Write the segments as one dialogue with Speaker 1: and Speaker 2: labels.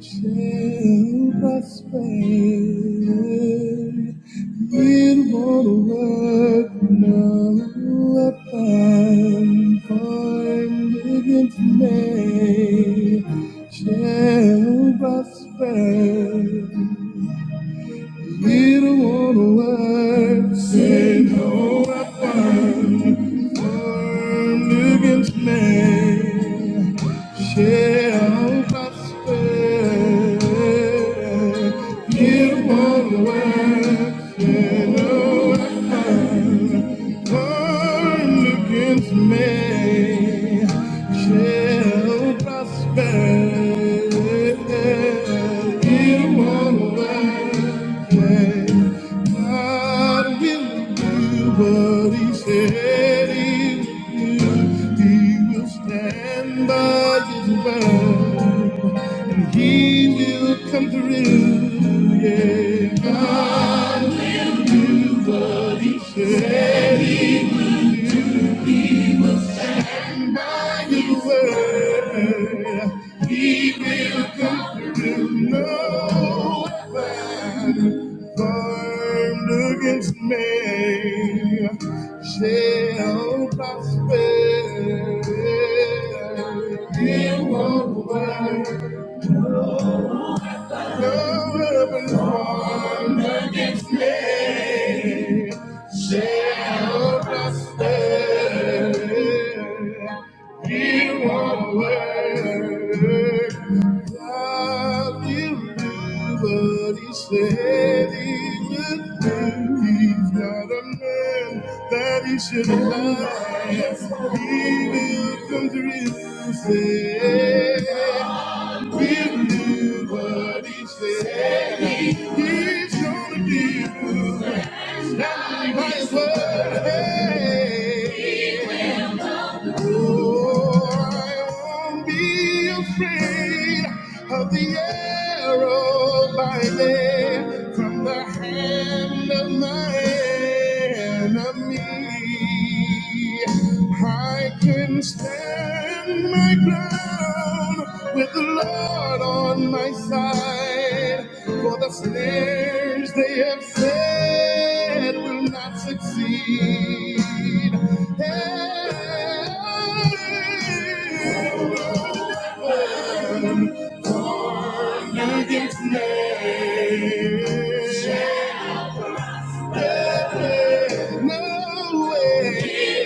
Speaker 1: Shall prosper with what work no weapon formed against me shall prosper. With what work say no weapon. Armed against me shall prosper. Give one word, and no Turn against me shall prosper. In one way, God will do what He said He would do. He will stand by His word, and He will come through. Yeah, God He said. He and by His word. He will come through no weapon formed against me shall prosper. It won't work. No weapon formed against me shall prosper. You won't work. God, you do what you say said he would do. He's not a man that he should lie. He will come through. Said will do what he said. He's gonna do. Standing by his word. Hey. Oh, I won't be afraid of the arrow by day from the hand of my enemy. I can stand. In my ground with the Lord on my side. For the snares they have set will not succeed. And against me shall prevail. no way.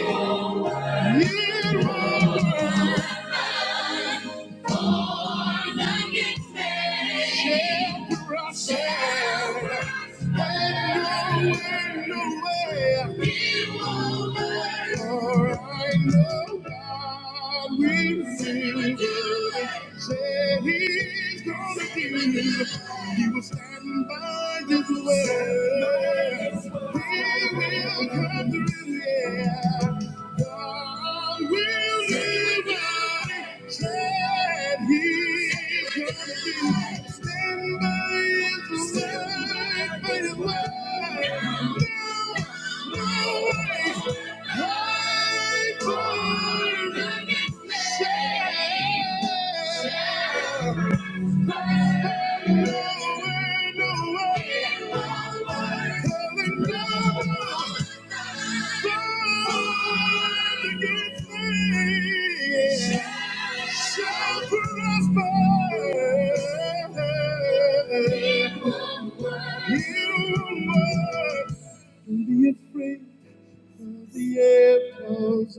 Speaker 1: It won't work. He will stand by his word. He will come through. Yeah. God will never let he's go. Stand by his word, by his word. No, no way. Hide for the shame. No way, no way. Coming down.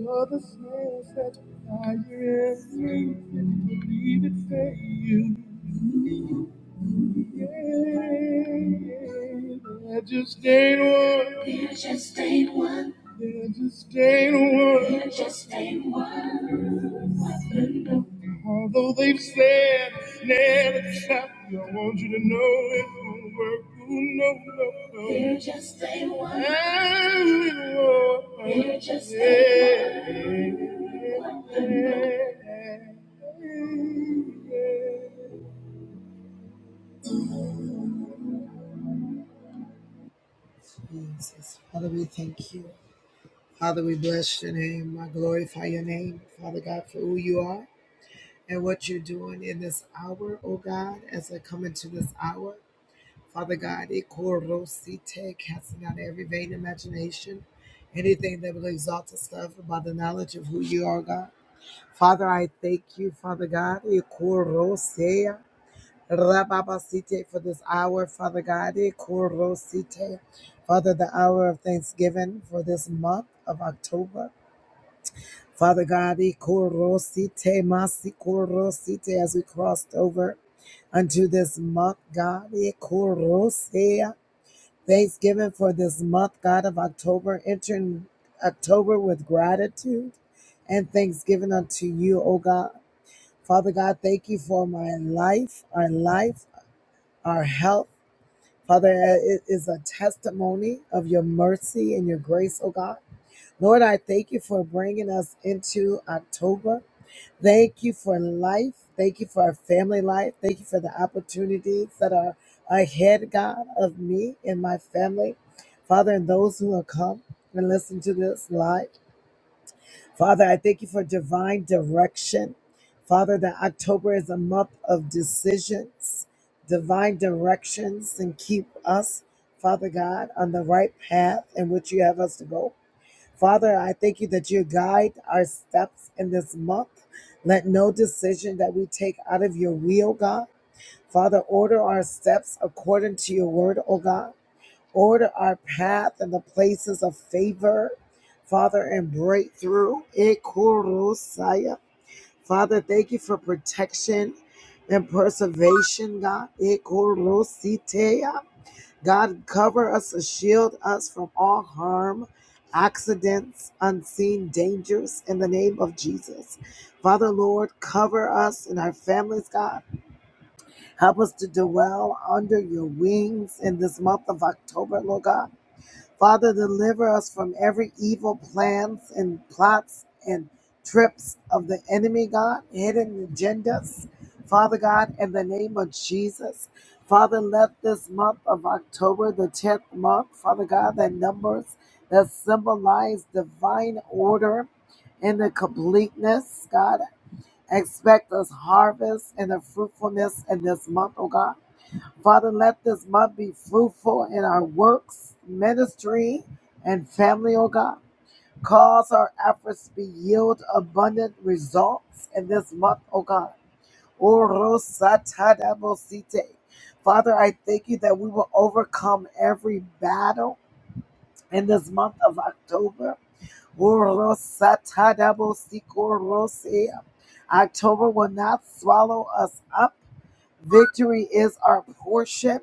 Speaker 1: Of the snails that fly your embrace, if you believe it, say you. There just ain't one. There just ain't one. There just ain't one. There just ain't one. Although they've said it's never stop, I want you to know it won't work. Ooh, no, no, no. There just ain't one. There just ain't one. There just ain't one. Yeah. Jesus. Father, we thank you. Father, we bless your name. I glorify your name, Father God, for who you are and what you're doing in this hour, oh God, as I come into this hour. Father God, ikorosite, casting out every vain imagination, anything that will exalt itself about the knowledge of who you are, God. Father, I thank you, Father God. ikorosea. Rababasite for this hour, Father God, eh, Korosite, Father, the hour of Thanksgiving for this month of October. Father God, eh, Korosite, Masi Korosite, as we crossed over unto this month, God, eh, Korosea, Thanksgiving for this month, God of October, entering October with gratitude and thanksgiving unto you, O God. Father God, thank you for my life, our life, our health. Father, it is a testimony of your mercy and your grace, oh God. Lord, I thank you for bringing us into October. Thank you for life. Thank you for our family life. Thank you for the opportunities that are ahead, God, of me and my family. Father, and those who will come and listen to this live. Father, I thank you for divine direction. Father, that October is a month of decisions, divine directions, and keep us, Father God, on the right path in which you have us to go. Father, I thank you that you guide our steps in this month. Let no decision that we take out of your will, God. Father, order our steps according to your word, O God. Order our path in the places of favor, Father, and breakthrough. Ekorosaya. Father, thank you for protection and preservation, God. Ekorositea. God, cover us and shield us from all harm, accidents, unseen dangers in the name of Jesus. Father, Lord, cover us and our families, God. Help us to dwell under your wings in this month of October, Lord God. Father, deliver us from every evil plans and plots and trips of the enemy, God, hidden agendas. Father God, in the name of Jesus, Father, let this month of October, the 10th month, Father God, that numbers that symbolize divine order and the completeness, God, expect us harvest and the fruitfulness in this month, oh God. Father, let this month be fruitful in our works, ministry, and family, oh God. Cause our efforts to yield abundant results in this month, oh God. Orosatadabosite. Father, I thank you that we will overcome every battle in this month of October. Orosatadabosikorosia. October will not swallow us up Victory is our portion.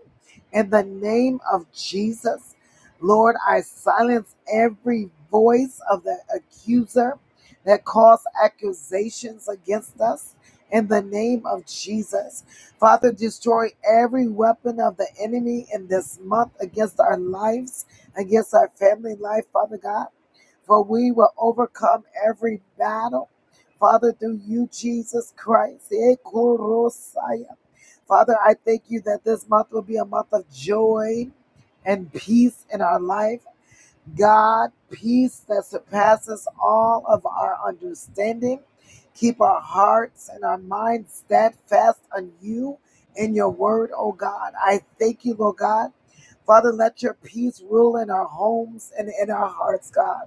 Speaker 1: In the name of Jesus, Lord, I silence every voice of the accuser that calls accusations against us. In the name of Jesus, Father, destroy every weapon of the enemy in this month against our lives, against our family life, Father God. For we will overcome every battle, Father, through you, Jesus Christ. Eh, Father, I thank you that this month will be a month of joy and peace in our life. God, peace that surpasses all of our understanding. Keep our hearts and our minds steadfast on you and your word, oh God. I thank you, Lord God. Father, let your peace rule in our homes and in our hearts, God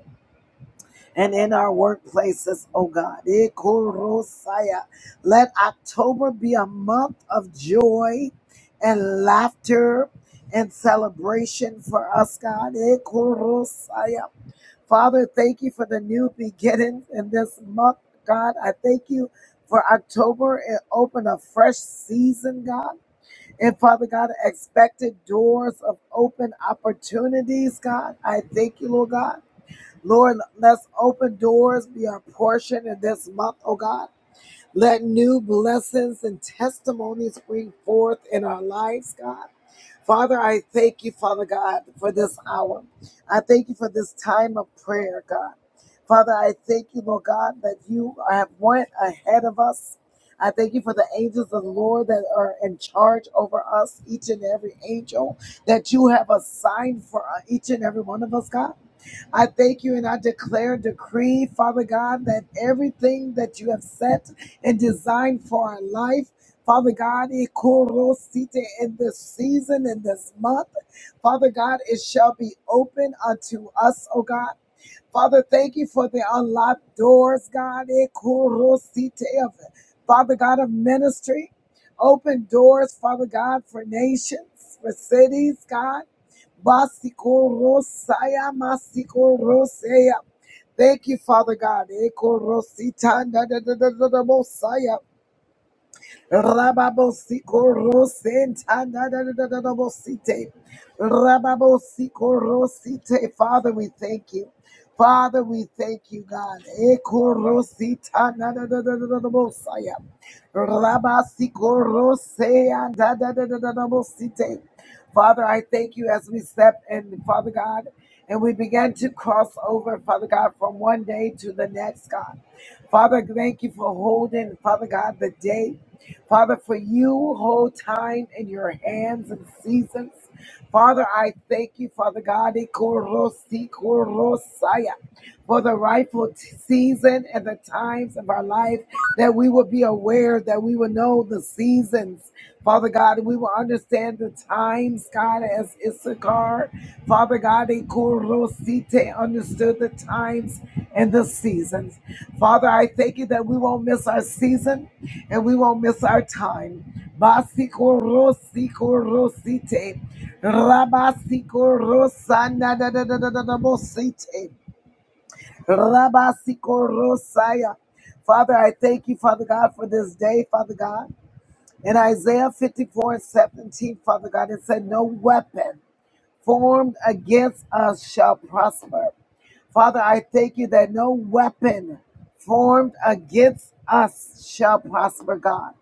Speaker 1: and in our workplaces, oh God. Ikorosaya. Let October be a month of joy and laughter and celebration for us, God. Ikorosaya. Father, thank you for the new beginnings in this month, God. I thank you for October and open a fresh season, God. And Father God, expected doors of open opportunities, God. I thank you, Lord God. Lord, let's open doors be our portion in this month, oh God. Let new blessings and testimonies spring forth in our lives, God. Father, I thank you, Father God, for this hour. I thank you for this time of prayer, God. Father, I thank you, Lord God, that you have went ahead of us. I thank you for the angels of the Lord that are in charge over us, each and every angel that you have assigned for uh, each and every one of us, God. I thank you and I declare and decree, Father God, that everything that you have set and designed for our life Father God, Ikorosite, in this season, in this month, Father God, it shall be open unto us, oh God. Father, thank you for the unlocked doors, God. Ikorosite, of- Father God of ministry, open doors, Father God, for nations, for cities, God. Basikorosaya, masikorosaya. Thank you, Father God. Ikorosita, da, da, da, da, da, da, Mosiah. Rababosiko Rosenta da da da da da da bosite. Rababosiko Rosite. Father, we thank you. Father, we thank you, God. Eko Rosita na da da da da da da bosaya. Rabasiko Rosea da da da da da da bosite. Father, I thank you as we step in, Father God, and we began to cross over, Father God, from one day to the next, God. Father, thank you for holding, Father God, the day. Father, for you hold time in your hands and seasons. Father, I thank you, Father God, ikorosi korosaya, for the rightful t- season and the times of our life that we would be aware, that we would know the seasons, Father God, and we will understand the times, God, as Issachar, Father God, Ikurosite understood the times and the seasons. Father, I thank you that we won't miss our season and we won't miss our time. Basikorosikorosite, rabasikorosana da da da da da da bosite. Rabasikoroosaya. Father, I thank you, Father God, for this day, Father God. In Isaiah 54 and 17, Father God, it said, No weapon formed against us shall prosper. Father, I thank you that no weapon formed against us shall prosper, God.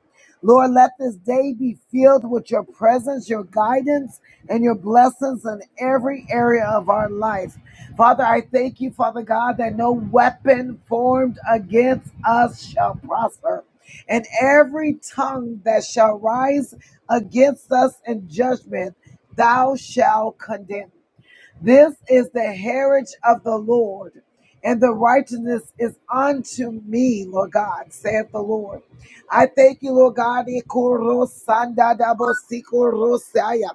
Speaker 1: Lord, let this day be filled with your presence, your guidance, and your blessings in every area of our life. Father, I thank you, Father God, that no weapon formed against us shall prosper. And every tongue that shall rise against us in judgment, thou shalt condemn. This is the heritage of the Lord, and the righteousness is unto me, Lord God, saith the Lord. I thank you, Lord God. Ikorosandadabosikoroseaya,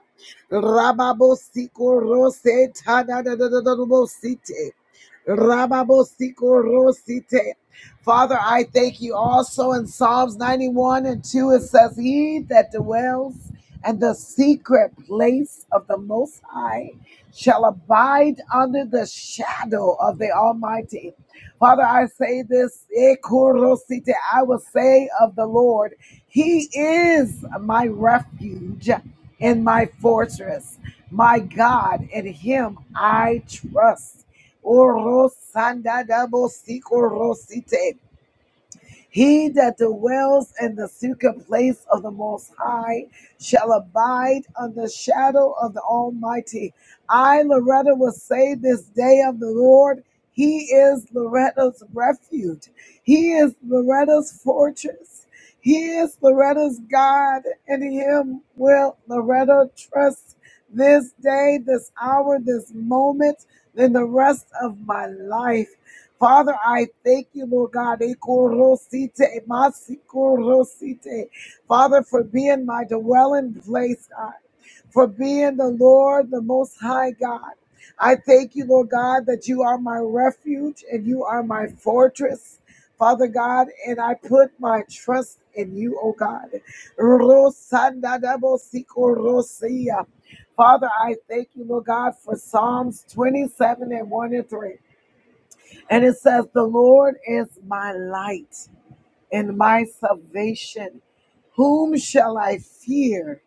Speaker 1: rababosikorosetadatadadadabosite, rababosikoroseite. Father, I thank you also in Psalms 91 and 2, it says, He that dwells in the secret place of the Most High shall abide under the shadow of the Almighty. Father, I say this, Ekorosite, I will say of the Lord, He is my refuge and my fortress, my God, in Him I trust. Orosandadabosikorosite. He that dwells in the secret place of the Most High shall abide under the shadow of the Almighty. I, Loretta, will say this day of the Lord. He is Loretta's refuge. He is Loretta's fortress. He is Loretta's God, and in him will Loretta trust this day, this hour, this moment, and the rest of my life. Father, I thank you, Lord God. Ekorosite, masikorosite. Father, for being my dwelling place, God, for being the Lord, the Most High God. I thank you, Lord God, that you are my refuge and you are my fortress, Father God, and I put my trust in you, oh God. Rosandadabosikorosia. Father, I thank you, Lord God, for Psalms 27 and 1 and 3. And it says, The Lord is my light and my salvation. Whom shall I fear?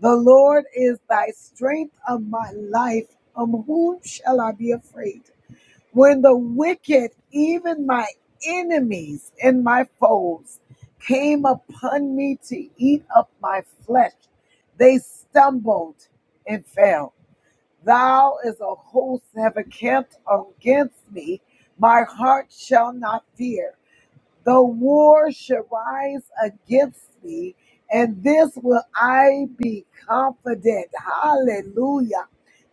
Speaker 1: The Lord is thy strength of my life. Of whom shall I be afraid? When the wicked, even my enemies and my foes, came upon me to eat up my flesh, they stumbled and fell. Thou is a host have encamped against me. My heart shall not fear the war shall rise against me, and this will I be confident. Hallelujah.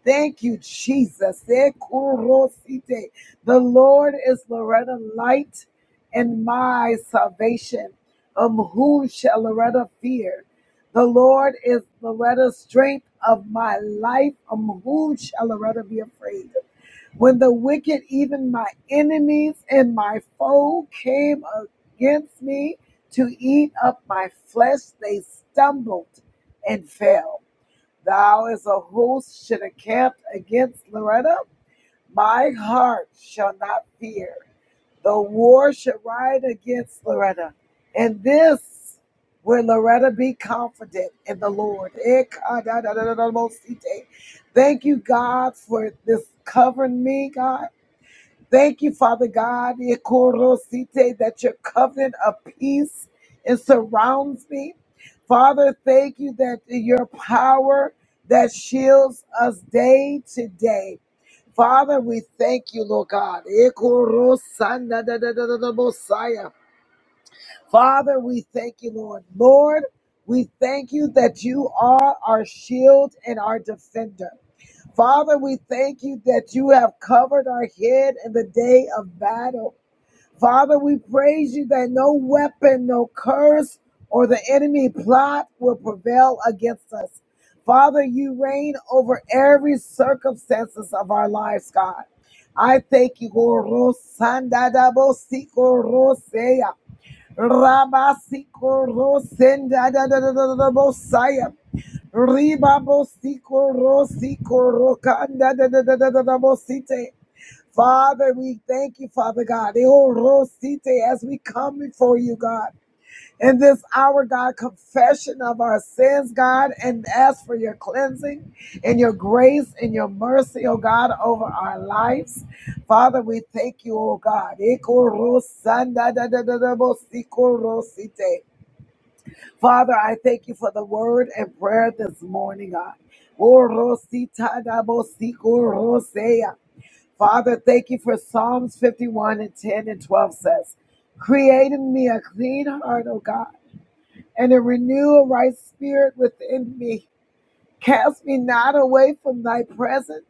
Speaker 1: Thank you, Jesus. Ekurosite. The Lord is Loretta light and my salvation. Of whom shall Loretta fear? The Lord is Loretta's strength of my life. Of whom shall Loretta be afraid? When the wicked, even my enemies and my foe, came against me to eat up my flesh, they stumbled and fell. Thou as a host should encamp against Loretta. My heart shall not fear. The war should ride against Loretta. And this will Loretta be confident in the Lord. Thank you, God, for this covering me, God. Thank you, Father God, Ikorosite, that your covenant of peace it surrounds me. Father, thank you that your power that shields us day to day. Father, we thank you, Lord God. Ikorosanadadadadadabosaya. Father, we thank you, Lord. Lord, we thank you that you are our shield and our defender. Father, we thank you that you have covered our head in the day of battle. Father, we praise you that no weapon, no curse, or the enemy plot will prevail against us. Father, you reign over every circumstances of our lives, God. I thank you, Lord. Rosandadabosikorosea, Rabasikorosenadadadadadabosaya, Father, we thank you, Father God. Eh, oh, Rosite, As we come before you, God, in this hour, God, confession of our sins, God, and ask for your cleansing and your grace and your mercy, oh God, over our lives. Father, we thank you, oh God. Eh, Rosanda da da da da bo si Rosite. Father, I thank you for the word and prayer this morning, God. Oh, Rosita da bo si Rosea. Father, thank you for Psalms 51 and 10 and 12 says, Create in me a clean heart, O God, and a renew a right spirit within me. Cast me not away from thy presence,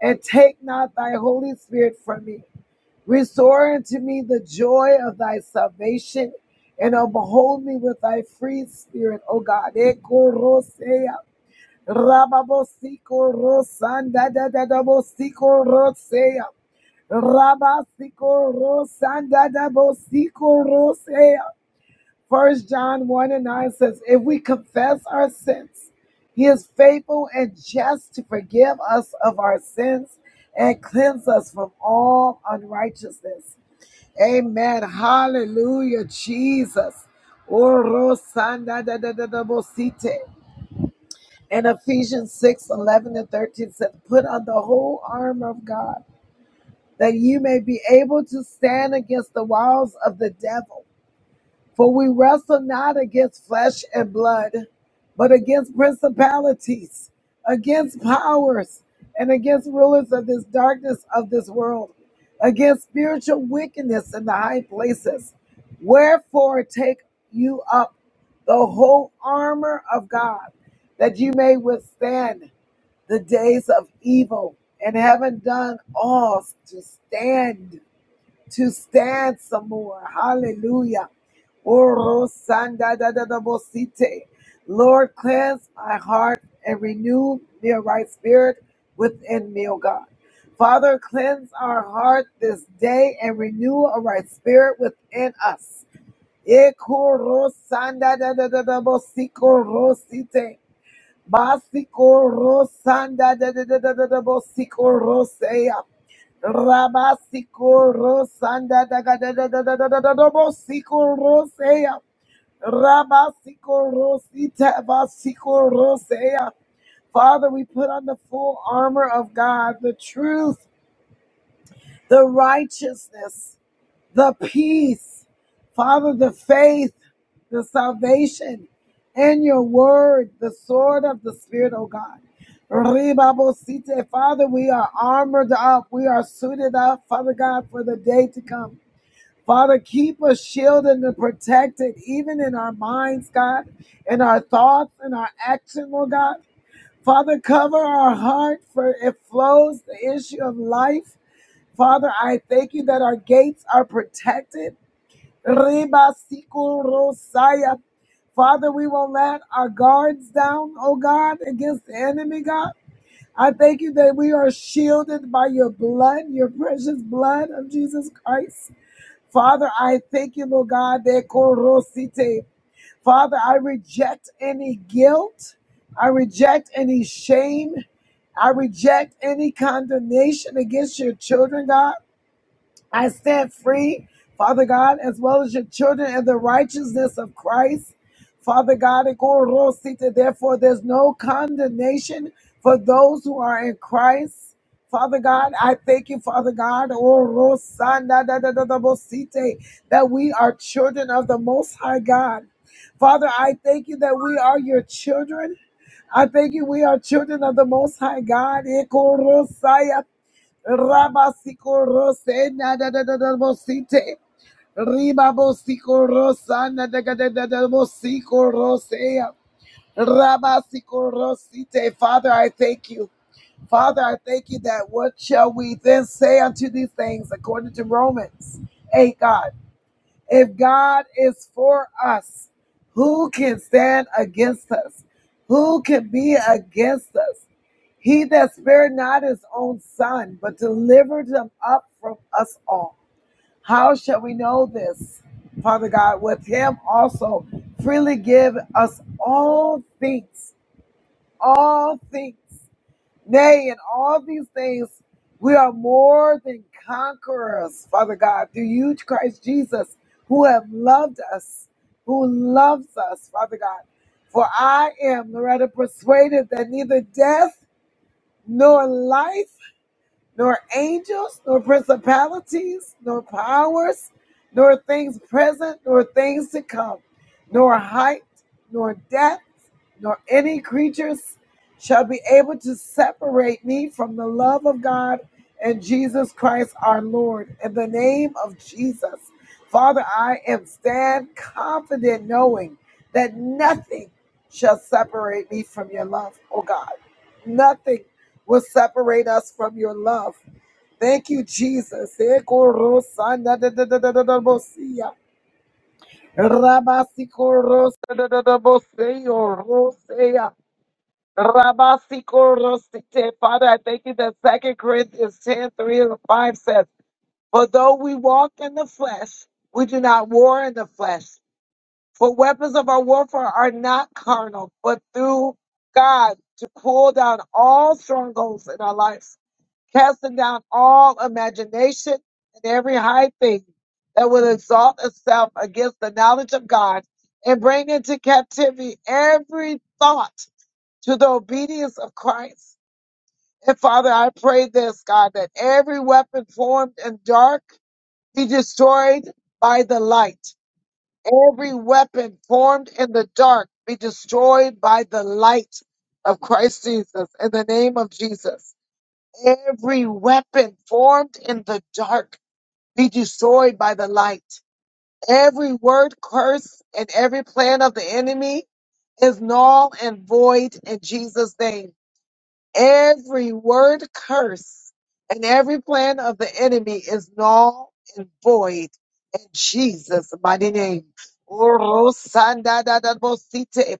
Speaker 1: and take not thy Holy Spirit from me. Restore unto me the joy of thy salvation, and uphold me with thy free spirit, O God. Ekorosea, rababosiko rosanda dadadabosiko rosea. Rabasiko Rosanda Dabosiko Rosea. First John 1 and 9 says, If we confess our sins, he is faithful and just to forgive us of our sins and cleanse us from all unrighteousness. Amen. Hallelujah, Jesus. Oro sanda da da da da bo And Ephesians 6 11 and 13 said, Put on the whole armor of God that you may be able to stand against the walls of the devil. For we wrestle not against flesh and blood, but against principalities, against powers, and against rulers of this darkness of this world, against spiritual wickedness in the high places. Wherefore, take you up the whole armor of God, that you may withstand the days of evil and having done all to stand, to stand some more. Hallelujah. Lord, cleanse my heart and renew me a right spirit within me, O God. Father, cleanse our heart this day and renew a right spirit within us. Ekoro da da da da bosiko rosite. Basiko Rosanda de de de de de de Bosiko Rosea. Rabasiko Rosanda da ga da da da da da da da da Bosiko Rosea. Rabasiko Rosita Basiko Rosea. Father, we put on the full armor of God, the truth, the righteousness the peace, Father, the faith, the salvation, and your word, the sword of the Spirit, oh God. Ribabosite, Father, we are armored up. We are suited up, Father God, for the day to come. Father, keep us shielded and protected, even in our minds, God, in our thoughts and our action, Lord God. Father, cover our heart, for it flows the issue of life. Father, I thank you that our gates are protected. Reba rosaya. Father, we won't let our guards down, oh God, against the enemy, God. I thank you that we are shielded by your blood, your precious blood of Jesus Christ. Father, I thank you, Lord God, de korosite. Father, I reject any guilt. I reject any shame. I reject any condemnation against your children, God. I stand free, Father God, as well as your children in the righteousness of Christ. Father God, therefore there's no condemnation for those who are in Christ. Father God, I thank you, Father God, oh, that we are children of the Most High God. Father, I thank you that we are your children. I thank you, we are children of the Most High God. Rabasiko Rose Nadadadabosite Ribabosiko Rosa Nadadadabosiko Rosea Rabasiko Rosite Father I thank you Father I thank you that what shall we then say unto these things according to Romans 8 God if God is for us, who can stand against us? Who can be against us? He that spared not his own son, but delivered him up from us all. How shall we know this? Father God, with him also freely give us all things, all things. Nay, in all these things, we are more than conquerors, Father God, through you, Christ Jesus, who have loved us, who loves us, Father God. For I am, Loretta, persuaded that neither death nor life nor angels, nor principalities, nor powers, nor things present, nor things to come, nor height, nor depth, nor any creatures shall be able to separate me from the love of God and Jesus Christ our Lord. In the name of Jesus, Father, I am stand confident knowing that nothing shall separate me from your love, oh God. Nothing will separate us from your love. Thank you, Jesus. Ekorosandadadadadadabosia. Rabasikorosandadadaboseyoroseya. Rabasikorosite. Father, I thank you that Second Corinthians ten three and 5 says, For though we walk in the flesh, we do not war in the flesh. For weapons of our warfare are not carnal, but through God to pull down all strongholds in our lives casting down all imagination and every high thing that would exalt itself against the knowledge of God, and bring into captivity every thought to the obedience of Christ. And Father, I pray this, God, that every weapon formed in dark be destroyed by the light. Every weapon formed in the dark be destroyed by the light of Christ Jesus. In the name of Jesus. Every weapon formed in the dark be destroyed by the light. Every word curse and every plan of the enemy is null and void in Jesus' name. Every word curse and every plan of the enemy is null and void in Jesus' mighty name. Orosandadadabosite.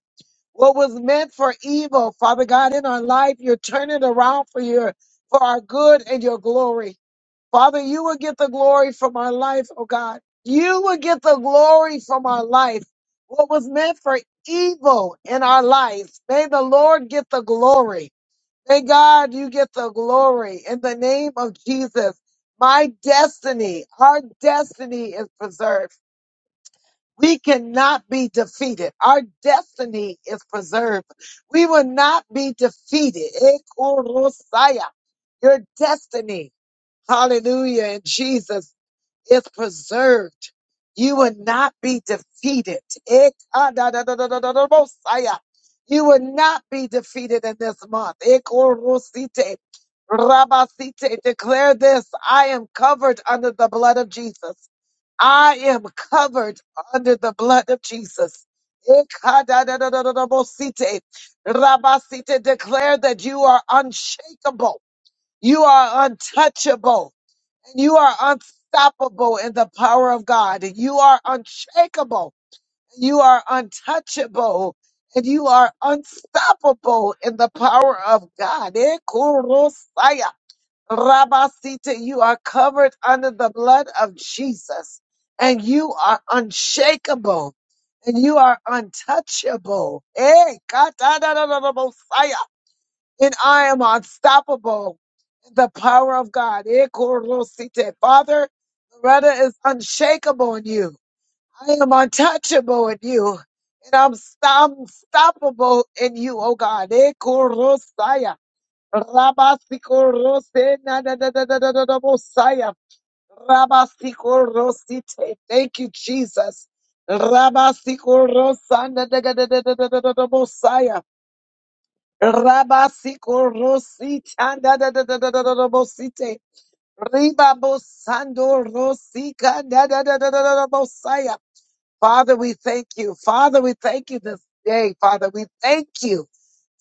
Speaker 1: What was meant for evil, Father God, in our life, you're turning around for your for our good and your glory. Father, you will get the glory from our life, oh God. You will get the glory from our life. What was meant for evil in our life, may the Lord get the glory. May God, you get the glory in the name of Jesus. My destiny, our destiny is preserved. We cannot be defeated. Our destiny is preserved. We will not be defeated. Ekorosaya, Your destiny, hallelujah, in Jesus' is preserved. You will not be defeated. Ekadadadadadadabosaya. You will not be defeated in this month. Ekorosite, rabasite. Declare this I am covered under the blood of Jesus. I am covered under the blood of Jesus. Ekadadadadadabosite, rabasite. Declare that you are unshakable. You are untouchable. You are unstoppable in the power of God. You are unshakable. You are untouchable. And you are unstoppable in the power of God. Eh, kurosaya, rabasite. You are covered under the blood of Jesus. And you are unshakable. And you are untouchable. Eh, katadadadadabosaya and I am unstoppable in the power of God. Ekorosite. Father, Loretta is unshakable in you. I am untouchable in you. And I'm st- unstoppable in you, oh God. Ekorosaya. Rabasikorose na da da da da da da da bosaya. Rabasikorosite. Thank you, Jesus. Rabasikorosana da da da da da da da da da Rabasiko Rosita da da da da da da da da Bosite. Riba Bosando Rosika da da da da da da da Bosaya. Father, we thank you. Father, we thank you this day. Father, we thank you.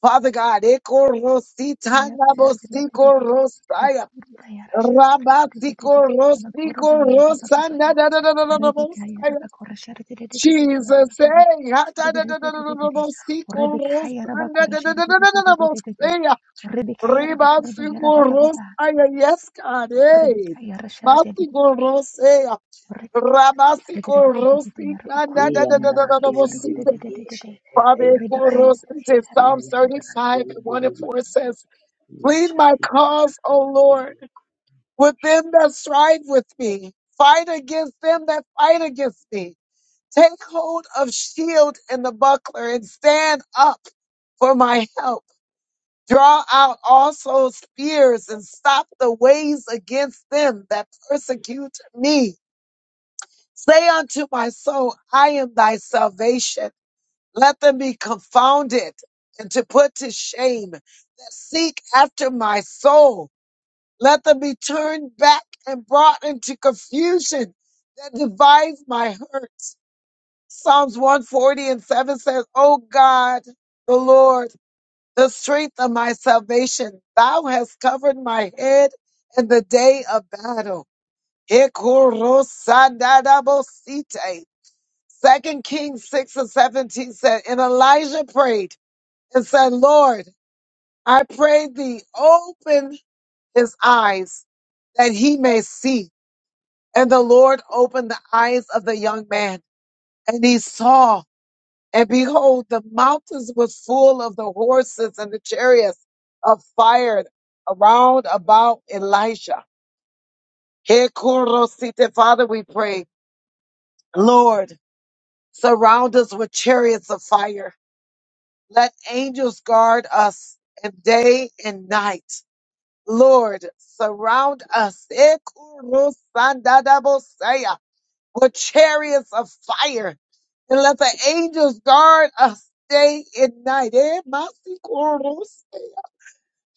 Speaker 1: Father God, Eko Rosita
Speaker 2: Bayara
Speaker 1: na
Speaker 2: shari giri giri
Speaker 1: Bosiko
Speaker 2: giri yara
Speaker 1: Rosaya.
Speaker 2: bakuru bayara shari giri giri
Speaker 1: Rabasiko
Speaker 2: giri yara bakora
Speaker 1: Rosiko
Speaker 2: bayara ba ba ba ba ba
Speaker 1: Rosana da da da da da da
Speaker 2: Rebeka yara
Speaker 1: Bosaya.
Speaker 2: bakora shari giri giri giri yara
Speaker 1: Jesus,
Speaker 2: bakora
Speaker 1: hey,
Speaker 2: bayara
Speaker 1: ha
Speaker 2: shari
Speaker 1: da da
Speaker 2: giri
Speaker 1: da da da
Speaker 2: giri
Speaker 1: da
Speaker 2: giri
Speaker 1: da
Speaker 2: giri
Speaker 1: Bosiko
Speaker 2: Rebeka yara
Speaker 1: Rosana
Speaker 2: bakora
Speaker 1: da da da
Speaker 2: shari
Speaker 1: da da
Speaker 2: giri
Speaker 1: da
Speaker 2: giri
Speaker 1: da
Speaker 2: giri giri
Speaker 1: Bosaya.
Speaker 2: Rebeka yara bakora bayara ba ba ba
Speaker 1: Ribasikorosaya,
Speaker 2: ba
Speaker 1: Yes, God. Hey.
Speaker 2: Rebeka yara shari giri giri
Speaker 1: Masikorosaya.
Speaker 2: Rebeka shari giri giri giri yara
Speaker 1: Rabasikorosikanda, da,
Speaker 2: bakora
Speaker 1: da, da, da,
Speaker 2: bayara
Speaker 1: da,
Speaker 3: Yandara
Speaker 1: da,
Speaker 2: bakora
Speaker 1: da,
Speaker 2: shari
Speaker 3: kiyindiri
Speaker 2: giri
Speaker 1: bosite.
Speaker 2: giri giri giri
Speaker 3: yeşetete
Speaker 1: Father,
Speaker 3: yandara
Speaker 2: Rebeka
Speaker 3: yandara
Speaker 2: yara
Speaker 1: korosite.
Speaker 2: shari
Speaker 1: Psalms
Speaker 2: giri giri
Speaker 1: 35 and 1 and
Speaker 3: kiyindiri
Speaker 1: 4 says, Plead my
Speaker 3: yaşatı
Speaker 1: cause, O Lord, with them that strive with me. Fight against them that fight against me. Take hold of shield and the buckler and stand up for my help. Draw out also spears and stop the ways against them that persecute me. Say unto my soul, I am thy salvation. Let them be confounded and to put to shame that seek after my soul. Let them be turned back and brought into confusion that devise my hurts. Psalms 140 and 7 says, O God, the Lord the strength of my salvation. Thou hast covered my head in the day of battle. Ikorosandarabosite. Second Kings 6 and 17 said, And Elijah prayed and said, Lord, I pray thee open his eyes that he may see. And the Lord opened the eyes of the young man and he saw. And behold, the mountains were full of the horses and the chariots of fire around about Elisha. Here, Korosite, Father, we pray, Lord, surround us with chariots of fire. Let angels guard us and day and night. Lord, surround us. Here, Korosandadabosea. with chariots of fire. And let the angels guard us day and night. Eh, masikoros.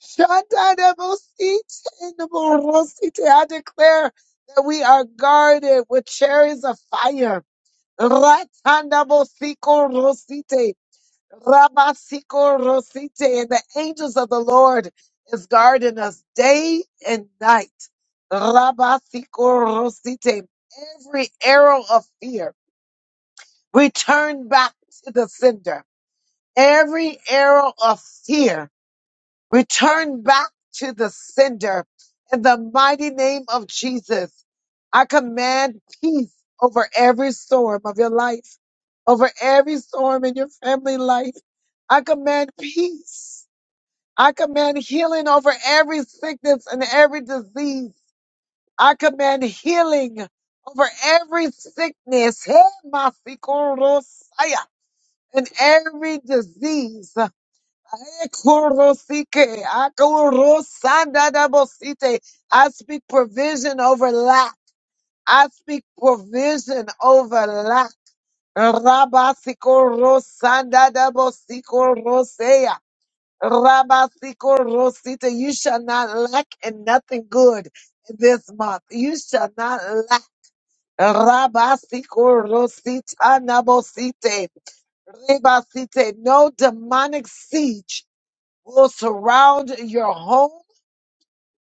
Speaker 1: Shantanabosite, naborosite. I declare that we are guarded with chariots of fire. Ratanabosikosite, rabasikorosite. And the angels of the Lord is guarding us day and night. Rabasikorosite. Every arrow of fear. Return back to the sender. Every arrow of fear, return back to the sender. In the mighty name of Jesus, I command peace over every storm of your life, over every storm in your family life. I command peace. I command healing over every sickness and every disease. I command healing over every sickness. Hey, my and every disease. Ekorosike, akorosanadabosite. I speak provision over lack. I speak provision over lack. Rabasiko Rosanda Dabosiko Rosea. Rabasiko Rosita. You shall not lack in nothing good this month. You shall not lack. Rabasiko Rosita Nabosite. Rebasite, No demonic siege will surround your home,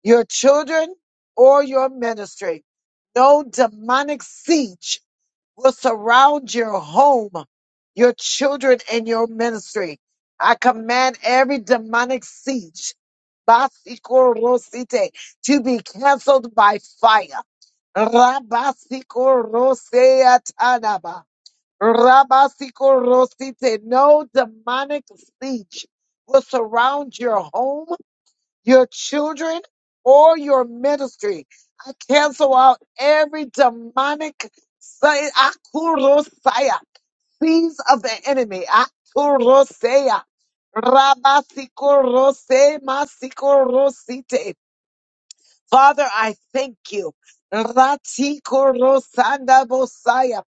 Speaker 1: your children, or your ministry. No demonic siege will surround your home, your children, and your ministry. I command every demonic siege Basikorosite, to be canceled by fire. Rabasikorosea Rabasiko Rosite, no demonic siege will surround your home, your children, or your ministry. I cancel out every demonic si- akurosaya, seeds of the enemy. Akurosaya. Rabasiko Rose Masiko Rosite. Father, I thank you. Ratiko Rosanda Bosaya.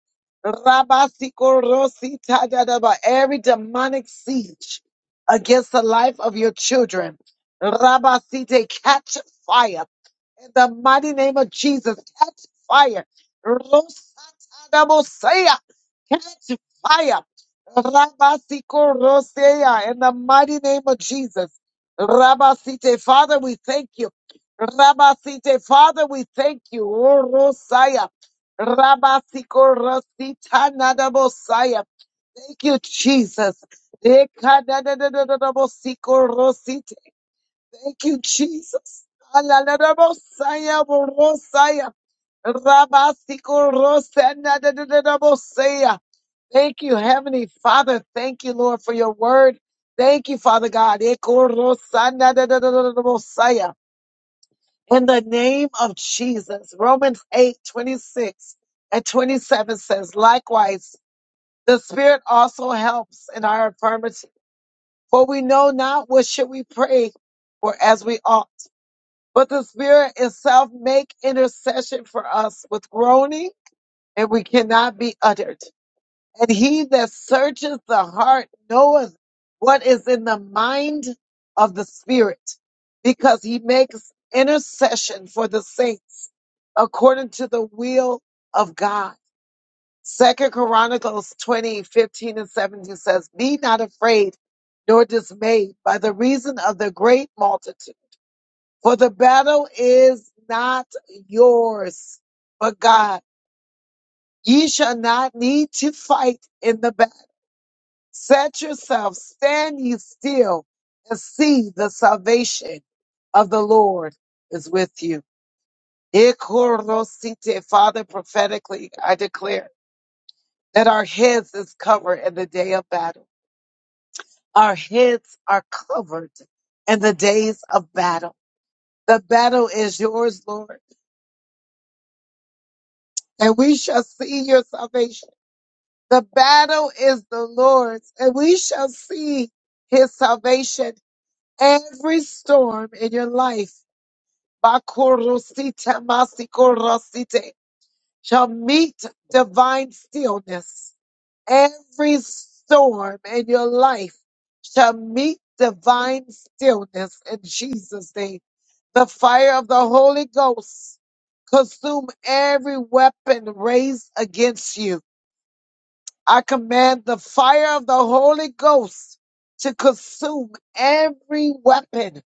Speaker 1: Rabasiko Rosita Dadaba. Every demonic siege against the life of your children. Rabasite, catch fire. In the mighty name of Jesus, catch fire. Rosatadabosea, Catch fire. Rabasiko Rosea, in the mighty name of Jesus. Rabasite, Father, we thank you. Rabasite, Father, we thank you. O Rosaya. Rabasiko Rosita Nadabosaya. Thank you, Jesus. Ekadadadadadadabosiko Rosite. Thank you, Jesus. Aladadabosaya, Borosaya. Rabasiko Rosanadadadadabosaya. Thank you, Heavenly Father. Thank you, Lord, for your word. Thank you, Father God. Eko Rosanadadadadabosaya. In the name of Jesus, Romans 8:26 and 27 says, Likewise, the Spirit also helps in our infirmity, for we know not what should we pray for as we ought. But the Spirit itself make intercession for us with groaning, and we cannot be uttered. And he that searcheth the heart knoweth what is in the mind of the Spirit, because he makes intercession for the saints according to the will of God. Second Chronicles 20 15 and 17 says, Be not afraid nor dismayed by the reason of the great multitude, for the battle is not yours, but God. Ye shall not need to fight in the battle Set yourself, stand ye still, and see the salvation of the Lord is with you. Ikorosite. Father, prophetically, I declare that our heads is covered in the day of battle. Our heads are covered in the days of battle. The battle is yours, Lord, and we shall see your salvation. The battle is the Lord's, and we shall see his salvation. Every storm in your life Bakurusite masikurusite shall meet divine stillness. Every storm in your life shall meet divine stillness in Jesus' name. The fire of the Holy Ghost consume every weapon raised against you. I command the fire of the Holy Ghost to consume every weapon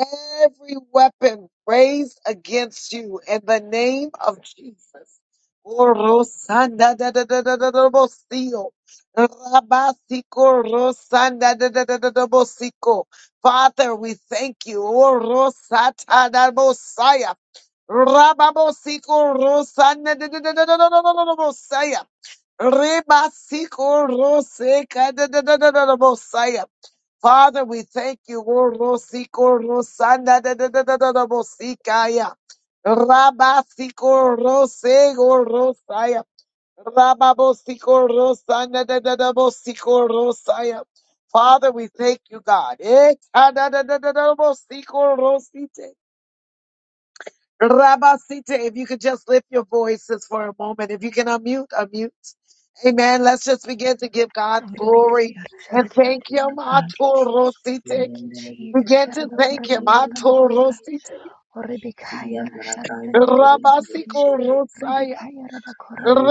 Speaker 1: every weapon raised against you in the name of Jesus. Orosanda da da da da da da bosio. Rabasiko rosanda da da da da da bosiko. Father, we thank you. Orosata da bosaya. Rababosiko rosanda da da da da da da da da da bosaya. Rebasiko roseka da da da da da da bosaya. Father, we thank you. O Rosiko Rosanda da da da da da da Bosikaya. Rabasiko Rosego Rosaya. Rababosiko Rosanda da da da Bosiko Rosaya. Father, we thank you, God. Eh, ah, da da da da da Bosiko Rosite. Rabasite, if you could just lift your voices for a moment. If you can unmute, unmute. Amen. Let's just begin to give God
Speaker 2: Oh, Rebecca,
Speaker 1: glory
Speaker 2: yada,
Speaker 1: and
Speaker 3: yaşatı
Speaker 1: thank Him.
Speaker 3: yandara
Speaker 2: Thank you,
Speaker 3: ki
Speaker 2: Jesus.
Speaker 1: Atorosite.
Speaker 2: Thank you,
Speaker 3: yendere bir
Speaker 1: We
Speaker 2: Jesus.
Speaker 1: get
Speaker 3: yandere
Speaker 1: to
Speaker 3: yok o
Speaker 1: thank him.
Speaker 3: yendere
Speaker 1: Atorosite.
Speaker 2: Oh, Rebecca,
Speaker 3: bir yandara kiyindiri yeşete
Speaker 1: Rabasiko
Speaker 2: Rebecca,
Speaker 3: ayı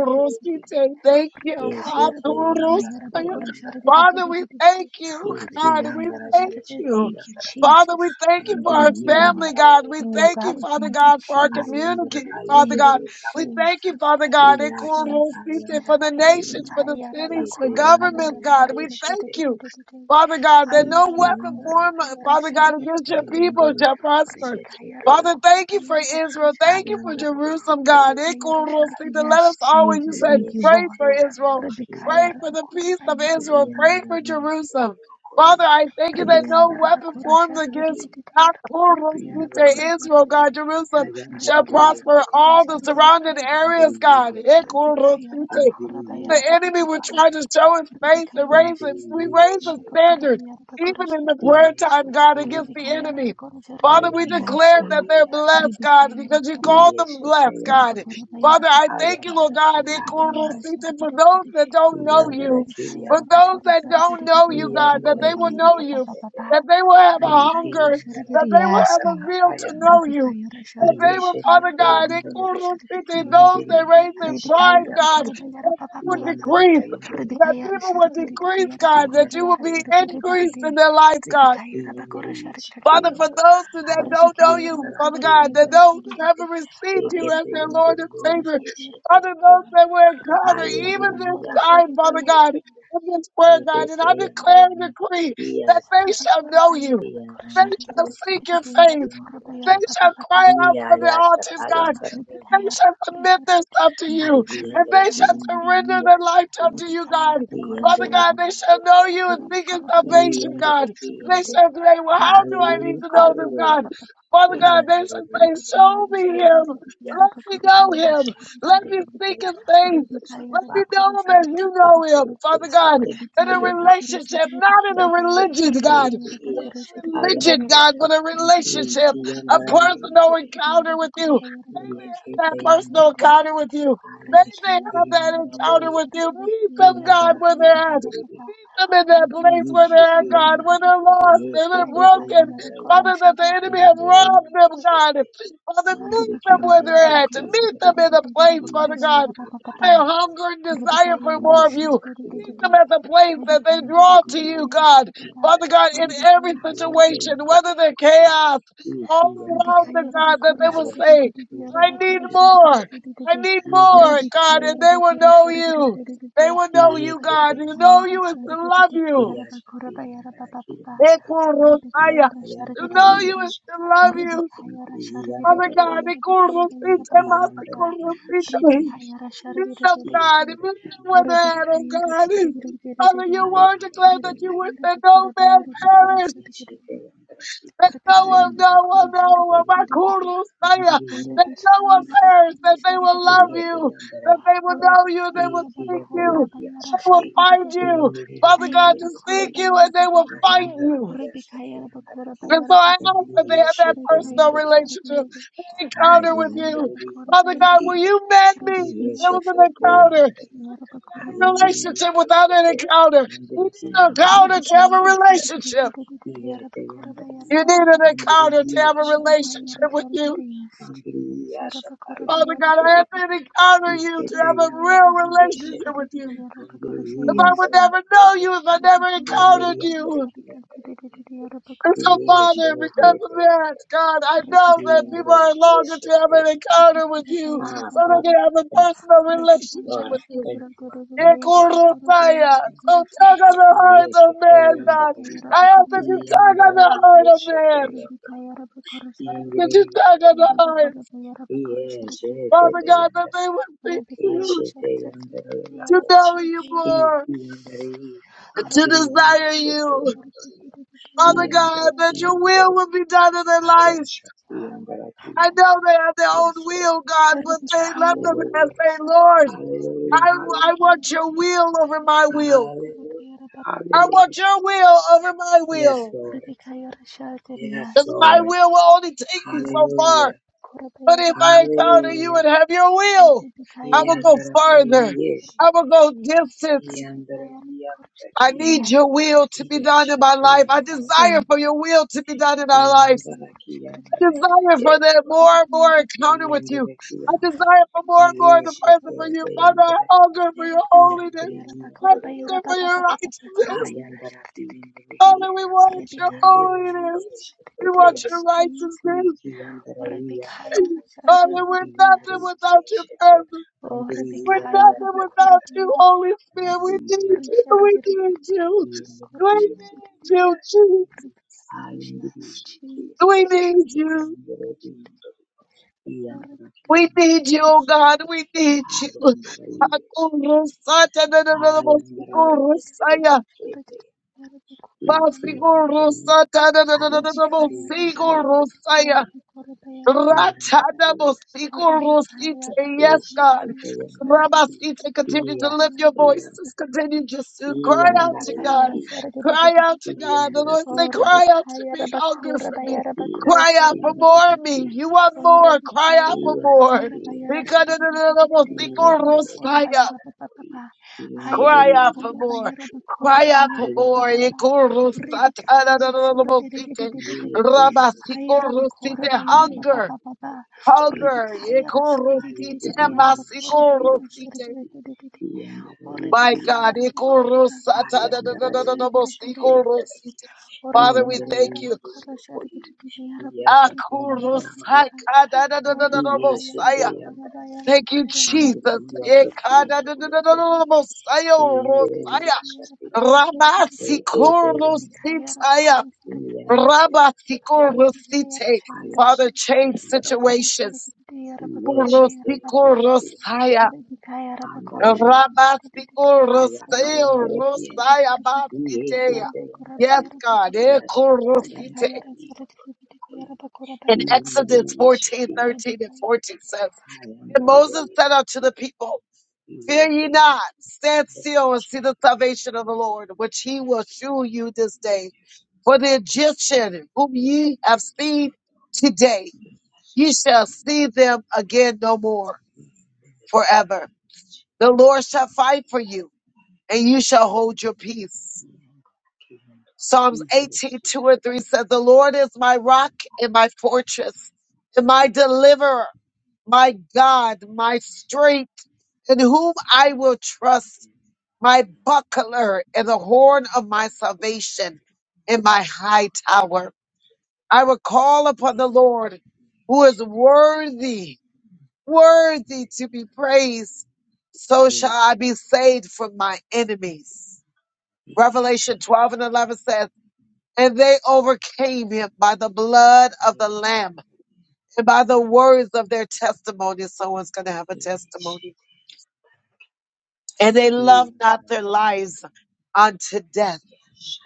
Speaker 3: yandere
Speaker 1: Thank you.
Speaker 2: Rebikaya
Speaker 3: yeşete
Speaker 2: Rabakurabaya
Speaker 3: yandara ki
Speaker 1: Maturosite.
Speaker 2: Rabakur
Speaker 3: yandara
Speaker 1: Father, we thank
Speaker 2: Sharadididididididid.
Speaker 1: you.
Speaker 3: iki
Speaker 1: God, we
Speaker 2: Rebikaya
Speaker 3: yandara bir
Speaker 1: thank
Speaker 2: Rasharad.
Speaker 3: yeşete
Speaker 1: you.
Speaker 2: Thank you,
Speaker 3: yandara ki
Speaker 1: Father, we
Speaker 2: Jesus.
Speaker 1: thank you for our
Speaker 2: Thank
Speaker 3: yandiri
Speaker 2: you,
Speaker 1: family,
Speaker 2: Lord.
Speaker 3: yandara o
Speaker 1: God. We
Speaker 2: Oh,
Speaker 3: yendere
Speaker 1: thank
Speaker 3: ki
Speaker 2: God,
Speaker 1: you,
Speaker 2: we
Speaker 1: Father
Speaker 2: thank you,
Speaker 1: God, for our
Speaker 3: ayı
Speaker 2: Jesus.
Speaker 3: yandara
Speaker 1: community, Father
Speaker 2: Thank
Speaker 1: God.
Speaker 2: you,
Speaker 3: kiyindiri
Speaker 1: We thank you,
Speaker 2: Jesus.
Speaker 1: Father
Speaker 2: Thank
Speaker 1: God,
Speaker 2: you, Jesus.
Speaker 1: Ikorosite, for
Speaker 3: Iyashakayandara
Speaker 1: the
Speaker 3: kini
Speaker 1: nations, for the
Speaker 2: Rebikaya
Speaker 1: cities, for
Speaker 3: ebe
Speaker 2: Rabakurabaya
Speaker 3: yandara
Speaker 1: governments, God. We thank
Speaker 3: yiyeshekeye
Speaker 1: you,
Speaker 2: Rasharadididididididid.
Speaker 1: Father God, that
Speaker 2: Aya
Speaker 1: no
Speaker 3: iki
Speaker 1: weapon
Speaker 3: yandara
Speaker 1: form,
Speaker 2: Rabakurabaya
Speaker 1: Father God, against your
Speaker 2: Rasharadidididididid.
Speaker 1: people
Speaker 3: iyendere
Speaker 1: shall prosper.
Speaker 2: Rebikaya
Speaker 3: yiyeshekeye
Speaker 1: Father,
Speaker 3: yandara
Speaker 1: thank you
Speaker 2: Rabakurabaya
Speaker 1: for
Speaker 2: Rabakur
Speaker 1: Israel. Thank
Speaker 2: Sharadid.
Speaker 1: you for
Speaker 3: ayandara
Speaker 1: Jerusalem,
Speaker 3: boyendere
Speaker 1: God.
Speaker 2: Rebikaya Rasharadid.
Speaker 3: yiyakaya
Speaker 1: Ikorosita. Let us
Speaker 2: Yes,
Speaker 1: always, you
Speaker 2: Jesus.
Speaker 1: said,
Speaker 2: Thank you,
Speaker 1: pray
Speaker 2: Lord.
Speaker 1: for
Speaker 3: iyeshekeye
Speaker 1: Israel.
Speaker 3: yandara
Speaker 2: Rebecca
Speaker 3: kini
Speaker 1: Pray for
Speaker 3: yandara
Speaker 1: the
Speaker 2: Yarabakura
Speaker 1: peace of
Speaker 2: Yarashar
Speaker 1: Israel.
Speaker 2: did
Speaker 1: Pray
Speaker 3: iyandara
Speaker 1: for
Speaker 2: it.
Speaker 3: yiyendere
Speaker 1: Jerusalem.
Speaker 3: yokoyi
Speaker 1: Father, I thank you that
Speaker 2: Rebecca
Speaker 1: no
Speaker 3: iyandara
Speaker 1: weapon
Speaker 2: Yarabakura
Speaker 1: formed
Speaker 2: Shar
Speaker 3: yandara
Speaker 2: did it.
Speaker 1: against
Speaker 3: kini
Speaker 2: Yarabakura Yarabakura
Speaker 1: Ikorosita,
Speaker 2: Shar
Speaker 1: Israel,
Speaker 2: did
Speaker 3: iyeshekeye
Speaker 1: God,
Speaker 2: it.
Speaker 1: Jerusalem,
Speaker 3: ayandara
Speaker 1: shall
Speaker 2: Rebecca
Speaker 3: boyendere
Speaker 1: prosper
Speaker 2: Yarabakura
Speaker 1: all the
Speaker 2: Shar did
Speaker 1: surrounding
Speaker 2: it.
Speaker 1: areas, God.
Speaker 3: yiyeshekeye
Speaker 2: Rebecca
Speaker 1: Ikorosita.
Speaker 3: andiri
Speaker 2: Yarabakura
Speaker 1: If the
Speaker 3: yiyaya
Speaker 1: enemy would
Speaker 2: Yarabakura
Speaker 1: try to show his face
Speaker 2: Rebecca
Speaker 1: and raise
Speaker 3: endiri
Speaker 2: Yarashar
Speaker 1: it,
Speaker 2: did
Speaker 1: we
Speaker 2: it.
Speaker 1: raise the
Speaker 3: yiyeshekeye
Speaker 2: Yarabakura
Speaker 1: standard,
Speaker 2: Yarabakura
Speaker 1: even in
Speaker 2: Shar
Speaker 1: the
Speaker 3: I am
Speaker 2: did it.
Speaker 1: prayer time, God, against the
Speaker 2: Rebecca
Speaker 1: enemy.
Speaker 2: Yarabakura Shar did
Speaker 1: Father,
Speaker 2: it.
Speaker 1: we
Speaker 2: Yes,
Speaker 1: declare that
Speaker 2: God.
Speaker 1: they're blessed,
Speaker 2: Rebecca
Speaker 1: God, because you
Speaker 2: Yarashar did it.
Speaker 1: called them blessed, God.
Speaker 2: Yarabakura
Speaker 1: Father, I
Speaker 2: Yarabakura
Speaker 1: thank you, Lord God, they
Speaker 2: Rebecca
Speaker 1: call those
Speaker 2: Yarashar
Speaker 1: season
Speaker 2: did
Speaker 1: for
Speaker 2: it.
Speaker 1: those that don't know you,
Speaker 2: Radikaya
Speaker 1: for those
Speaker 2: Rabakoro
Speaker 1: that
Speaker 2: Sharigari
Speaker 1: don't know you, God, that
Speaker 2: Rabakoro
Speaker 1: they will
Speaker 2: Bayara
Speaker 1: know
Speaker 2: Papa
Speaker 1: you,
Speaker 2: Papa
Speaker 1: that they will have a
Speaker 2: Radikaya
Speaker 1: hunger, that
Speaker 2: Rasharigari
Speaker 1: they will have a zeal to know you.
Speaker 2: Radikaya
Speaker 1: That they
Speaker 2: Rasharigari
Speaker 1: will, Father God,
Speaker 2: Rabakoro
Speaker 1: they call
Speaker 2: Bayara
Speaker 1: those season, those
Speaker 2: Sharigari
Speaker 1: that raise their
Speaker 2: Radikaya
Speaker 1: pride, God,
Speaker 2: Rabakoro Bayara
Speaker 1: that
Speaker 2: Papa
Speaker 1: they would
Speaker 2: Papa
Speaker 1: decrease, that
Speaker 2: Radikaya
Speaker 1: people would
Speaker 2: Rasharigari
Speaker 1: decrease, God,
Speaker 2: Rabakoro
Speaker 1: that you will
Speaker 2: Bayara
Speaker 1: be increased in
Speaker 2: Sharigari
Speaker 1: their lives, God.
Speaker 2: Radikaya Rabakoro Sharigari
Speaker 1: Father, for those who that don't know
Speaker 2: Radikaya
Speaker 1: you, Father
Speaker 2: Rabakoro
Speaker 1: God, that
Speaker 3: Yes,
Speaker 2: Sharigari
Speaker 1: don't ever received you as
Speaker 3: Zekete
Speaker 1: their
Speaker 2: Radikaya
Speaker 1: Lord
Speaker 3: yonduru
Speaker 1: and
Speaker 2: Rabakoro
Speaker 3: yoyi
Speaker 1: Savior,
Speaker 2: Sharigari
Speaker 3: yeshete
Speaker 1: Father, those that
Speaker 3: yandara.
Speaker 1: will encounter
Speaker 2: Radikaya
Speaker 1: even
Speaker 3: Ayunduru
Speaker 1: this
Speaker 2: Rabakoro
Speaker 1: time,
Speaker 3: yiyayandara
Speaker 1: Father
Speaker 2: Sharigari
Speaker 1: God, in this word, God, and
Speaker 3: kutete
Speaker 1: I
Speaker 3: yandara
Speaker 1: declare and
Speaker 3: yi.
Speaker 1: decree
Speaker 3: Yiyashata yandara ni. Iya
Speaker 1: that
Speaker 2: Rebecca,
Speaker 1: they
Speaker 3: shati
Speaker 1: shall know you, and they shall
Speaker 3: yanduru ki
Speaker 1: seek your face,
Speaker 3: yandara
Speaker 1: and
Speaker 3: ki.
Speaker 1: they shall cry out from the
Speaker 3: Yiyayashata
Speaker 1: altars, God,
Speaker 3: yandara yoyi.
Speaker 1: and they shall submit themselves to you,
Speaker 3: Ayvi
Speaker 1: and
Speaker 3: yandara
Speaker 1: they
Speaker 3: ki
Speaker 1: shall
Speaker 3: yindiri
Speaker 1: surrender their life
Speaker 3: yiyashata yi.
Speaker 1: unto you, God. Father
Speaker 3: Yiyandara
Speaker 1: God, they
Speaker 3: yiyandara
Speaker 1: shall know you and
Speaker 3: yoyi.
Speaker 1: seek your salvation,
Speaker 3: Yiyandara
Speaker 1: God.
Speaker 3: ki
Speaker 1: They
Speaker 3: yindara.
Speaker 1: said today, well, how do I need
Speaker 3: Hallelujah,
Speaker 1: to know them,
Speaker 3: hallelujah.
Speaker 1: God? Father God, they
Speaker 3: Yiyandara
Speaker 1: said, they
Speaker 3: yiyandara ki
Speaker 1: show me
Speaker 3: yindara
Speaker 1: him.
Speaker 3: yoyi.
Speaker 1: Let me know him.
Speaker 3: Ayashata
Speaker 1: Let me speak
Speaker 3: yandara
Speaker 1: his
Speaker 3: yi.
Speaker 1: faith. Let me
Speaker 3: Father, I
Speaker 1: know him
Speaker 3: thank you.
Speaker 1: as you know him, Father
Speaker 3: for
Speaker 1: God,
Speaker 3: your God. Thank you
Speaker 1: in
Speaker 3: for
Speaker 1: a
Speaker 3: your mercy.
Speaker 1: relationship, not in a
Speaker 3: Thank you for your
Speaker 1: religion, God. Not
Speaker 3: favor. Yes,
Speaker 1: a
Speaker 3: I am
Speaker 1: Religion,
Speaker 3: God.
Speaker 1: God, but a
Speaker 2: Rebecca
Speaker 3: He,
Speaker 1: relationship,
Speaker 3: he,
Speaker 2: Yarabakora
Speaker 3: and I,
Speaker 1: a
Speaker 3: am.
Speaker 1: personal
Speaker 2: Sarabakora
Speaker 1: encounter with
Speaker 2: Yarabakora
Speaker 1: you.
Speaker 3: he, he,
Speaker 1: May they have
Speaker 3: he,
Speaker 1: That
Speaker 3: and I, am.
Speaker 1: personal
Speaker 2: Shirabakora
Speaker 1: encounter with you.
Speaker 3: I,
Speaker 1: They
Speaker 3: am
Speaker 2: Rebecca
Speaker 3: so,
Speaker 1: may have
Speaker 3: he, and
Speaker 1: that
Speaker 2: Yarabakora
Speaker 3: I,
Speaker 2: Bayara
Speaker 1: encounter
Speaker 3: boy,
Speaker 1: with you.
Speaker 2: Sarabakora
Speaker 1: Meet
Speaker 3: he,
Speaker 1: them,
Speaker 3: and I,
Speaker 2: Yarabakora
Speaker 1: God, where
Speaker 3: he,
Speaker 1: they're
Speaker 2: Bayara
Speaker 1: at.
Speaker 3: and I,
Speaker 2: Papa
Speaker 3: be.
Speaker 1: Meet them in that
Speaker 3: he,
Speaker 1: place
Speaker 2: Rebecca
Speaker 3: he,
Speaker 1: where
Speaker 3: she,
Speaker 1: they're
Speaker 3: he,
Speaker 1: at,
Speaker 2: Yarabakora
Speaker 3: and
Speaker 1: God, where they're
Speaker 3: he,
Speaker 1: lost and
Speaker 3: he,
Speaker 1: they're
Speaker 3: he, he,
Speaker 2: Rebecca
Speaker 1: broken.
Speaker 3: and I,
Speaker 2: Yarabakora
Speaker 1: Father, that
Speaker 2: Shari
Speaker 1: the
Speaker 3: I, and I,
Speaker 1: enemy have
Speaker 3: he,
Speaker 1: robbed them, God. Father,
Speaker 3: and I,
Speaker 1: meet
Speaker 3: he,
Speaker 1: them
Speaker 2: Rebakora
Speaker 1: where
Speaker 3: and I,
Speaker 2: Bayara
Speaker 1: they're
Speaker 3: he,
Speaker 1: at.
Speaker 2: Bakora
Speaker 3: and
Speaker 1: Meet
Speaker 3: I, he,
Speaker 1: them in the
Speaker 2: Sarabakora
Speaker 1: place,
Speaker 3: he,
Speaker 2: Yarabakora
Speaker 1: Father
Speaker 3: yes, I, I,
Speaker 1: God
Speaker 2: Bayara Papa
Speaker 1: their
Speaker 3: and
Speaker 1: hunger and
Speaker 2: Rebecca
Speaker 1: desire
Speaker 3: I, I,
Speaker 1: for
Speaker 3: and I, he,
Speaker 2: Yarabakora
Speaker 1: more
Speaker 3: and I, be. he, and I,
Speaker 1: of
Speaker 3: he, and I, I, and
Speaker 1: you. Meet them
Speaker 2: Sarabakora
Speaker 1: at the place that
Speaker 2: Rebecca
Speaker 1: they
Speaker 3: the
Speaker 1: draw to
Speaker 2: Yarabakora
Speaker 1: you,
Speaker 2: Bayara
Speaker 1: God.
Speaker 2: Papa
Speaker 1: Father God, in
Speaker 2: Rebecca
Speaker 1: every
Speaker 2: Yarabakora
Speaker 1: situation,
Speaker 2: Sarabakora
Speaker 1: whether they're chaos,
Speaker 3: he, and
Speaker 1: all
Speaker 3: he, and
Speaker 1: around
Speaker 3: I,
Speaker 2: Rebekaya
Speaker 1: them, God, that
Speaker 2: Rabakoro
Speaker 1: they will
Speaker 3: Yandere,
Speaker 1: say,
Speaker 2: Sharikidiki
Speaker 1: I need
Speaker 2: Rabakoro
Speaker 1: more. I
Speaker 2: Sharikidiki
Speaker 1: need more, God,
Speaker 2: Rebekaya
Speaker 1: and they will
Speaker 2: Rabakoro
Speaker 1: know
Speaker 2: Sharikidiki
Speaker 1: you. They will know you, God. To
Speaker 2: Rebekaya
Speaker 1: know you is to love
Speaker 2: Rasharikidiki
Speaker 1: you.
Speaker 2: Rabakoro Bayara Papa Papa Rebekaya
Speaker 1: Ekurusaya. To know you is
Speaker 2: Rasharikidiki
Speaker 1: to love you.
Speaker 2: Rebekaya
Speaker 1: Father
Speaker 2: Rasharikidiki
Speaker 1: God,
Speaker 2: Rabakoro Bayara Papa
Speaker 1: Ekurusita,
Speaker 2: Papa
Speaker 1: Masakurusita.
Speaker 2: Rebekaya
Speaker 1: Meet of God, and
Speaker 2: Rasharikidiki
Speaker 1: meet them where they're oh
Speaker 2: Rebekaya
Speaker 1: God. And
Speaker 2: Rasharikidiki
Speaker 1: Father, your word declared that you wish
Speaker 2: Rebekaya
Speaker 1: that
Speaker 2: Rabakoro
Speaker 1: no man
Speaker 2: Bayara Bakoro
Speaker 1: perish,
Speaker 2: Sharikidiki
Speaker 1: that no
Speaker 2: Rebekaya
Speaker 1: one, no
Speaker 2: Rabakoro
Speaker 1: one, no one, my
Speaker 2: Sharikidiki
Speaker 1: kurus, that no one
Speaker 2: Orebikayera
Speaker 1: perish,
Speaker 2: bakora
Speaker 1: that they will love you,
Speaker 2: sharigirigirigi.
Speaker 1: that they will know you, they will
Speaker 2: Orebikayera
Speaker 3: Andrei,
Speaker 1: seek
Speaker 2: bakora
Speaker 1: you,
Speaker 3: andrei, yes,
Speaker 2: bayara
Speaker 1: they will find
Speaker 2: sharigirigirigi.
Speaker 1: you. Father
Speaker 2: Hayera
Speaker 1: God, to
Speaker 2: bakora
Speaker 1: seek you
Speaker 2: bayara
Speaker 1: and they will
Speaker 2: bababa.
Speaker 1: find you.
Speaker 2: Orebikayera khora bayara
Speaker 1: Before I
Speaker 2: bababa.
Speaker 1: ask that they have that personal
Speaker 2: Harekayera
Speaker 1: relationship,
Speaker 2: sharigirigi.
Speaker 1: that encounter with
Speaker 2: Orebikayera
Speaker 1: you.
Speaker 2: bakora
Speaker 1: Father
Speaker 2: bayara
Speaker 1: God,
Speaker 2: ba.
Speaker 1: will you mend me? There
Speaker 2: Orebikayera
Speaker 1: was an encounter.
Speaker 2: sharigirigirigi.
Speaker 1: I
Speaker 2: Yara
Speaker 1: couldn't
Speaker 2: bakora
Speaker 1: have a
Speaker 2: bayara ba.
Speaker 1: relationship without an encounter. You
Speaker 3: andrei,
Speaker 1: need an encounter to have
Speaker 2: Orebikayera
Speaker 1: a relationship.
Speaker 2: sharigirigirigi. Yara bakora bayara
Speaker 1: You need
Speaker 2: bababa.
Speaker 1: an encounter to have a
Speaker 2: Orebikayera
Speaker 1: relationship with you.
Speaker 2: sharigirigi. Shara bakora
Speaker 1: Father
Speaker 2: bayara
Speaker 1: God, I have to
Speaker 2: bababa.
Speaker 1: encounter you to have a real
Speaker 2: Rikayera sharikri
Speaker 1: relationship with you.
Speaker 2: kurikiyara pakurusha
Speaker 1: If I would
Speaker 2: yasma.
Speaker 1: never
Speaker 3: andrei,
Speaker 1: know you, if I never
Speaker 3: Ah, Father,
Speaker 2: Rikayera
Speaker 3: I
Speaker 1: encountered you. I'm so bothered because of that, God. I know that people are longing to have an encounter with you so they can have a
Speaker 3: thank you,
Speaker 1: personal relationship
Speaker 3: Lord. I
Speaker 1: with you.
Speaker 3: thank you. I thank you.
Speaker 1: Ekorosaya. So tug on the heart of man, God. I ask that you tug on the heart of man.
Speaker 3: I
Speaker 1: That you tug on the heart. Father God, that they would seek
Speaker 3: Yes,
Speaker 1: you to know you more, and to
Speaker 2: Hereditary
Speaker 1: desire
Speaker 2: Rabakura,
Speaker 1: you.
Speaker 2: Hereditary
Speaker 1: Father God,
Speaker 2: Rabakura,
Speaker 1: that your will would be done in their life. I know they have their own
Speaker 3: Yes, Lord.
Speaker 1: will, God, but they
Speaker 2: Hereditary
Speaker 1: let them
Speaker 3: Hallelujah.
Speaker 1: and
Speaker 2: Rabakura,
Speaker 1: say,
Speaker 2: Shastri,
Speaker 1: Lord,
Speaker 3: Hallelujah.
Speaker 1: I,
Speaker 2: Rabakura,
Speaker 1: I
Speaker 3: Hallelujah.
Speaker 1: want
Speaker 2: Gayara,
Speaker 1: your will over my
Speaker 2: Hereditary
Speaker 1: will.
Speaker 2: Rabakura,
Speaker 3: Hallelujah.
Speaker 2: Gayara, Baba,
Speaker 1: I
Speaker 3: Hallelujah.
Speaker 1: want your will over my
Speaker 3: Yes,
Speaker 1: will.
Speaker 3: Lord.
Speaker 2: Hereditary Shastri,
Speaker 3: Yes,
Speaker 1: Because my
Speaker 3: Lord.
Speaker 2: Yasom,
Speaker 1: will will only take me so far.
Speaker 2: Hereditary
Speaker 3: Hallelujah.
Speaker 2: Rabakura,
Speaker 1: But
Speaker 2: Gayara,
Speaker 1: if I encounter
Speaker 2: Hereditary
Speaker 1: you
Speaker 3: Hallelujah.
Speaker 1: and have your will,
Speaker 2: Hereditary
Speaker 1: I
Speaker 3: He
Speaker 1: will go
Speaker 3: under
Speaker 2: Rabakura,
Speaker 1: farther.
Speaker 3: he
Speaker 2: Gayara,
Speaker 3: is.
Speaker 1: I will go
Speaker 3: He
Speaker 1: distance.
Speaker 3: under
Speaker 2: Hereditary
Speaker 3: he
Speaker 2: Rabakura,
Speaker 3: under
Speaker 1: I
Speaker 3: he
Speaker 2: Shastri, Yasom, Hereditary Rabakura,
Speaker 1: need
Speaker 2: Gayara,
Speaker 1: your
Speaker 2: Hereditary
Speaker 1: will to be
Speaker 3: under
Speaker 1: done in my life.
Speaker 2: Rabakura,
Speaker 1: I
Speaker 2: Gayara,
Speaker 1: desire for your will to be done in our
Speaker 3: he
Speaker 1: lives.
Speaker 3: under he
Speaker 1: I
Speaker 3: under
Speaker 1: desire for
Speaker 3: yes.
Speaker 1: that more and more encounter
Speaker 3: He
Speaker 1: with
Speaker 3: under
Speaker 1: you.
Speaker 3: he
Speaker 1: I
Speaker 3: under
Speaker 1: desire for more and more
Speaker 3: he
Speaker 1: of
Speaker 2: Hereditary
Speaker 1: the
Speaker 3: is it
Speaker 1: presence of you.
Speaker 2: Rabakura,
Speaker 3: the
Speaker 1: Father, I
Speaker 3: under
Speaker 1: hunger for
Speaker 2: Yara
Speaker 1: your
Speaker 3: he
Speaker 2: bakora
Speaker 3: under
Speaker 1: holiness.
Speaker 2: bayara
Speaker 3: he
Speaker 2: bakora
Speaker 1: I
Speaker 3: under
Speaker 2: bayara
Speaker 1: hunger
Speaker 2: ba
Speaker 1: for
Speaker 3: yoko.
Speaker 2: ba ba
Speaker 1: your
Speaker 2: ba ba bakora
Speaker 3: I
Speaker 1: righteousness.
Speaker 2: bayara
Speaker 3: under
Speaker 2: sharti di
Speaker 3: he
Speaker 2: di di
Speaker 3: under
Speaker 2: di
Speaker 3: he under
Speaker 1: Father, we want your
Speaker 2: rebikaya di
Speaker 3: he
Speaker 1: holiness.
Speaker 3: is
Speaker 2: di
Speaker 1: We
Speaker 2: di
Speaker 1: want
Speaker 3: it
Speaker 2: Yes,
Speaker 1: your
Speaker 2: please.
Speaker 3: I am
Speaker 1: righteousness.
Speaker 3: the I am the
Speaker 2: Rebekaya,
Speaker 3: one.
Speaker 1: Father, we're
Speaker 3: I am
Speaker 1: nothing
Speaker 2: yes.
Speaker 3: the
Speaker 1: without your
Speaker 3: essence.
Speaker 1: presence.
Speaker 3: I am
Speaker 2: Oh,
Speaker 3: the
Speaker 1: We're
Speaker 2: Rebekaya,
Speaker 3: endless
Speaker 1: nothing
Speaker 2: Rebekura,
Speaker 1: without you, Holy
Speaker 3: I
Speaker 1: Spirit. We need you. We need you.
Speaker 3: am
Speaker 1: We
Speaker 3: the infinite.
Speaker 1: need you, Jesus.
Speaker 3: I am
Speaker 2: Risha,
Speaker 3: the infinite. I am the
Speaker 2: yes,
Speaker 1: We
Speaker 2: Jesus.
Speaker 1: need you.
Speaker 3: infinite. I
Speaker 2: Oh,
Speaker 3: am the
Speaker 1: We need you, oh God. We need you.
Speaker 3: endless.
Speaker 1: Hakurusata da da da
Speaker 3: I
Speaker 1: da
Speaker 3: am the one. I am the
Speaker 2: Rebekaya,
Speaker 1: Mosikurusaya.
Speaker 2: Rebekura, Rebekaya,
Speaker 1: Basikurusata da da da da da
Speaker 3: essence.
Speaker 1: da Mosikurusaya.
Speaker 2: Rebekura,
Speaker 1: Ratadabospikorosite.
Speaker 2: Horibikaya
Speaker 1: Yes,
Speaker 2: rabakura
Speaker 1: God.
Speaker 2: dayara
Speaker 1: Rabasite,
Speaker 2: sharadididiyara
Speaker 1: continue
Speaker 3: I
Speaker 2: bakura
Speaker 1: to lift
Speaker 3: am
Speaker 2: dayara
Speaker 1: your
Speaker 3: the
Speaker 2: bak-
Speaker 3: one.
Speaker 1: voices. Continue just to cry out to
Speaker 2: Horibikaya
Speaker 1: God.
Speaker 2: ra
Speaker 3: iyandariki
Speaker 1: Cry
Speaker 2: sharadididididi.
Speaker 1: out to God. The Lord
Speaker 3: iyandaraki
Speaker 1: say, cry
Speaker 3: ayaki
Speaker 1: out to
Speaker 2: Horibikaya
Speaker 1: me. Hunger
Speaker 2: rabakura
Speaker 1: for me.
Speaker 2: dayara bakura
Speaker 1: Cry out
Speaker 3: yashiki
Speaker 1: for more of me. You want
Speaker 2: Corre
Speaker 1: more.
Speaker 2: di
Speaker 1: Cry out
Speaker 2: Tayara,
Speaker 1: for more.
Speaker 2: corre
Speaker 3: iyashiki
Speaker 2: Bayara,
Speaker 3: yandaraki
Speaker 2: Europa,
Speaker 3: iyendereki
Speaker 2: corre
Speaker 1: Rikadadadabospikorosaya.
Speaker 2: Bayara, Papa, Hayara,
Speaker 1: Cry out
Speaker 3: iyendereki
Speaker 1: for
Speaker 2: corre
Speaker 1: more.
Speaker 2: Bayara, corre
Speaker 1: Cry out for
Speaker 2: Bayara,
Speaker 1: more.
Speaker 2: Papa,
Speaker 3: ayambara
Speaker 2: Ribicayara, Sura,
Speaker 1: Ikorosatadadadadabosite.
Speaker 3: yeke
Speaker 2: Hayara, corre
Speaker 1: Rabastikorosite.
Speaker 2: Bayara,
Speaker 3: ayambara
Speaker 2: Papa,
Speaker 1: Hunger
Speaker 2: Papa,
Speaker 3: koye
Speaker 1: hunger.
Speaker 2: Ribicayara, Sura,
Speaker 1: Ekorosite
Speaker 3: ayanderi
Speaker 2: corre
Speaker 3: yishiki
Speaker 2: Bayara, Sura,
Speaker 1: namasekorosite.
Speaker 3: yandaraki
Speaker 1: My
Speaker 3: iyandariki
Speaker 1: God,
Speaker 2: Ribicayara, corre Bayara,
Speaker 1: ekorosata da- da- da-
Speaker 2: Papa,
Speaker 1: da-
Speaker 3: ayandarari
Speaker 1: da-
Speaker 2: Sura,
Speaker 1: da- mos-
Speaker 3: shiki yandaraki
Speaker 1: ekorosite.
Speaker 2: Corre
Speaker 1: Father, we thank
Speaker 2: Bikayara,
Speaker 1: you.
Speaker 3: iyendereki
Speaker 2: Corre Sura,
Speaker 3: koye
Speaker 2: Corre Bayara, Corre
Speaker 3: iyashiki
Speaker 2: Bayara,
Speaker 3: yandaraki
Speaker 2: Papa.
Speaker 1: Akorosaka da- da- da- da-
Speaker 2: Ora
Speaker 1: da- da-
Speaker 2: bekaya raba
Speaker 1: Mosiah.
Speaker 2: kora
Speaker 3: Iyeshekeyanda
Speaker 2: baya raba
Speaker 1: Thank you,
Speaker 2: kora shara bara
Speaker 1: Jesus.
Speaker 2: tiri
Speaker 1: Eka da-
Speaker 3: andriyosakiyanda
Speaker 1: da- da-
Speaker 2: ora
Speaker 1: da- da-
Speaker 2: ba
Speaker 1: da-
Speaker 2: kora
Speaker 1: Mosiah, oh,
Speaker 2: tiri
Speaker 1: Mosiah.
Speaker 2: tiri ora ba kora
Speaker 3: iyendereyasakiyanda
Speaker 2: tiri ora
Speaker 3: ekepeyanda
Speaker 2: bekaya raba
Speaker 1: Rabasikorositaya.
Speaker 2: kora shara tiri
Speaker 3: iyandarayanda
Speaker 2: ora bekaya raba
Speaker 1: Rabasikorosite. Father,
Speaker 2: tiri
Speaker 1: change
Speaker 2: ora ba kora
Speaker 3: ayasakayandaraboya
Speaker 1: situations.
Speaker 2: tiri ora ba baya raba
Speaker 3: iyeshekeyandarakiya
Speaker 1: Orosikorosaya.
Speaker 2: ora bekaya raba kora shara
Speaker 3: andariya
Speaker 2: tiri
Speaker 1: Rabasiko
Speaker 2: tiri ora
Speaker 1: Rosel
Speaker 2: bekaya raba
Speaker 3: ayakayandarakiya
Speaker 2: kora
Speaker 1: Rosaya
Speaker 2: shara tiri tiri
Speaker 1: Basitea.
Speaker 2: ora ba
Speaker 1: Yes,
Speaker 2: baya
Speaker 3: iyekepeyandarayi
Speaker 1: God.
Speaker 2: raba
Speaker 1: Eko
Speaker 2: ora bekaya
Speaker 1: Rosite.
Speaker 2: raba shara
Speaker 3: iyasakayandarayiyondo
Speaker 2: tiri tiri ora ba
Speaker 1: In
Speaker 2: baya raba
Speaker 1: Exodus fourteen
Speaker 3: iyendereyishakiya
Speaker 2: ora
Speaker 1: thirteen and
Speaker 2: bekaya
Speaker 1: 14 says, And Moses
Speaker 3: ayandaraboya
Speaker 1: said unto the people, Fear ye
Speaker 3: iyepeyandarakiya
Speaker 1: not, stand still and see the salvation of the Lord, which he will shew you this day. For the Egyptian whom ye have seen today, ye shall see them again no more forever. The Lord shall fight for you, and you shall hold your peace.
Speaker 3: Yes,
Speaker 1: Psalms 18, 2 or 3 said, The Lord is my rock and my fortress and my deliverer, my God, my strength, in whom I will trust, my buckler and the horn of my salvation and my high tower. I will call upon the Lord who is worthy, worthy to be praised. So shall I be saved from my enemies. Revelation 12 and 11 says, and they overcame him by the blood of the Lamb and by the words of their testimony. Someone's going to have a testimony. And they loved not their lives unto death.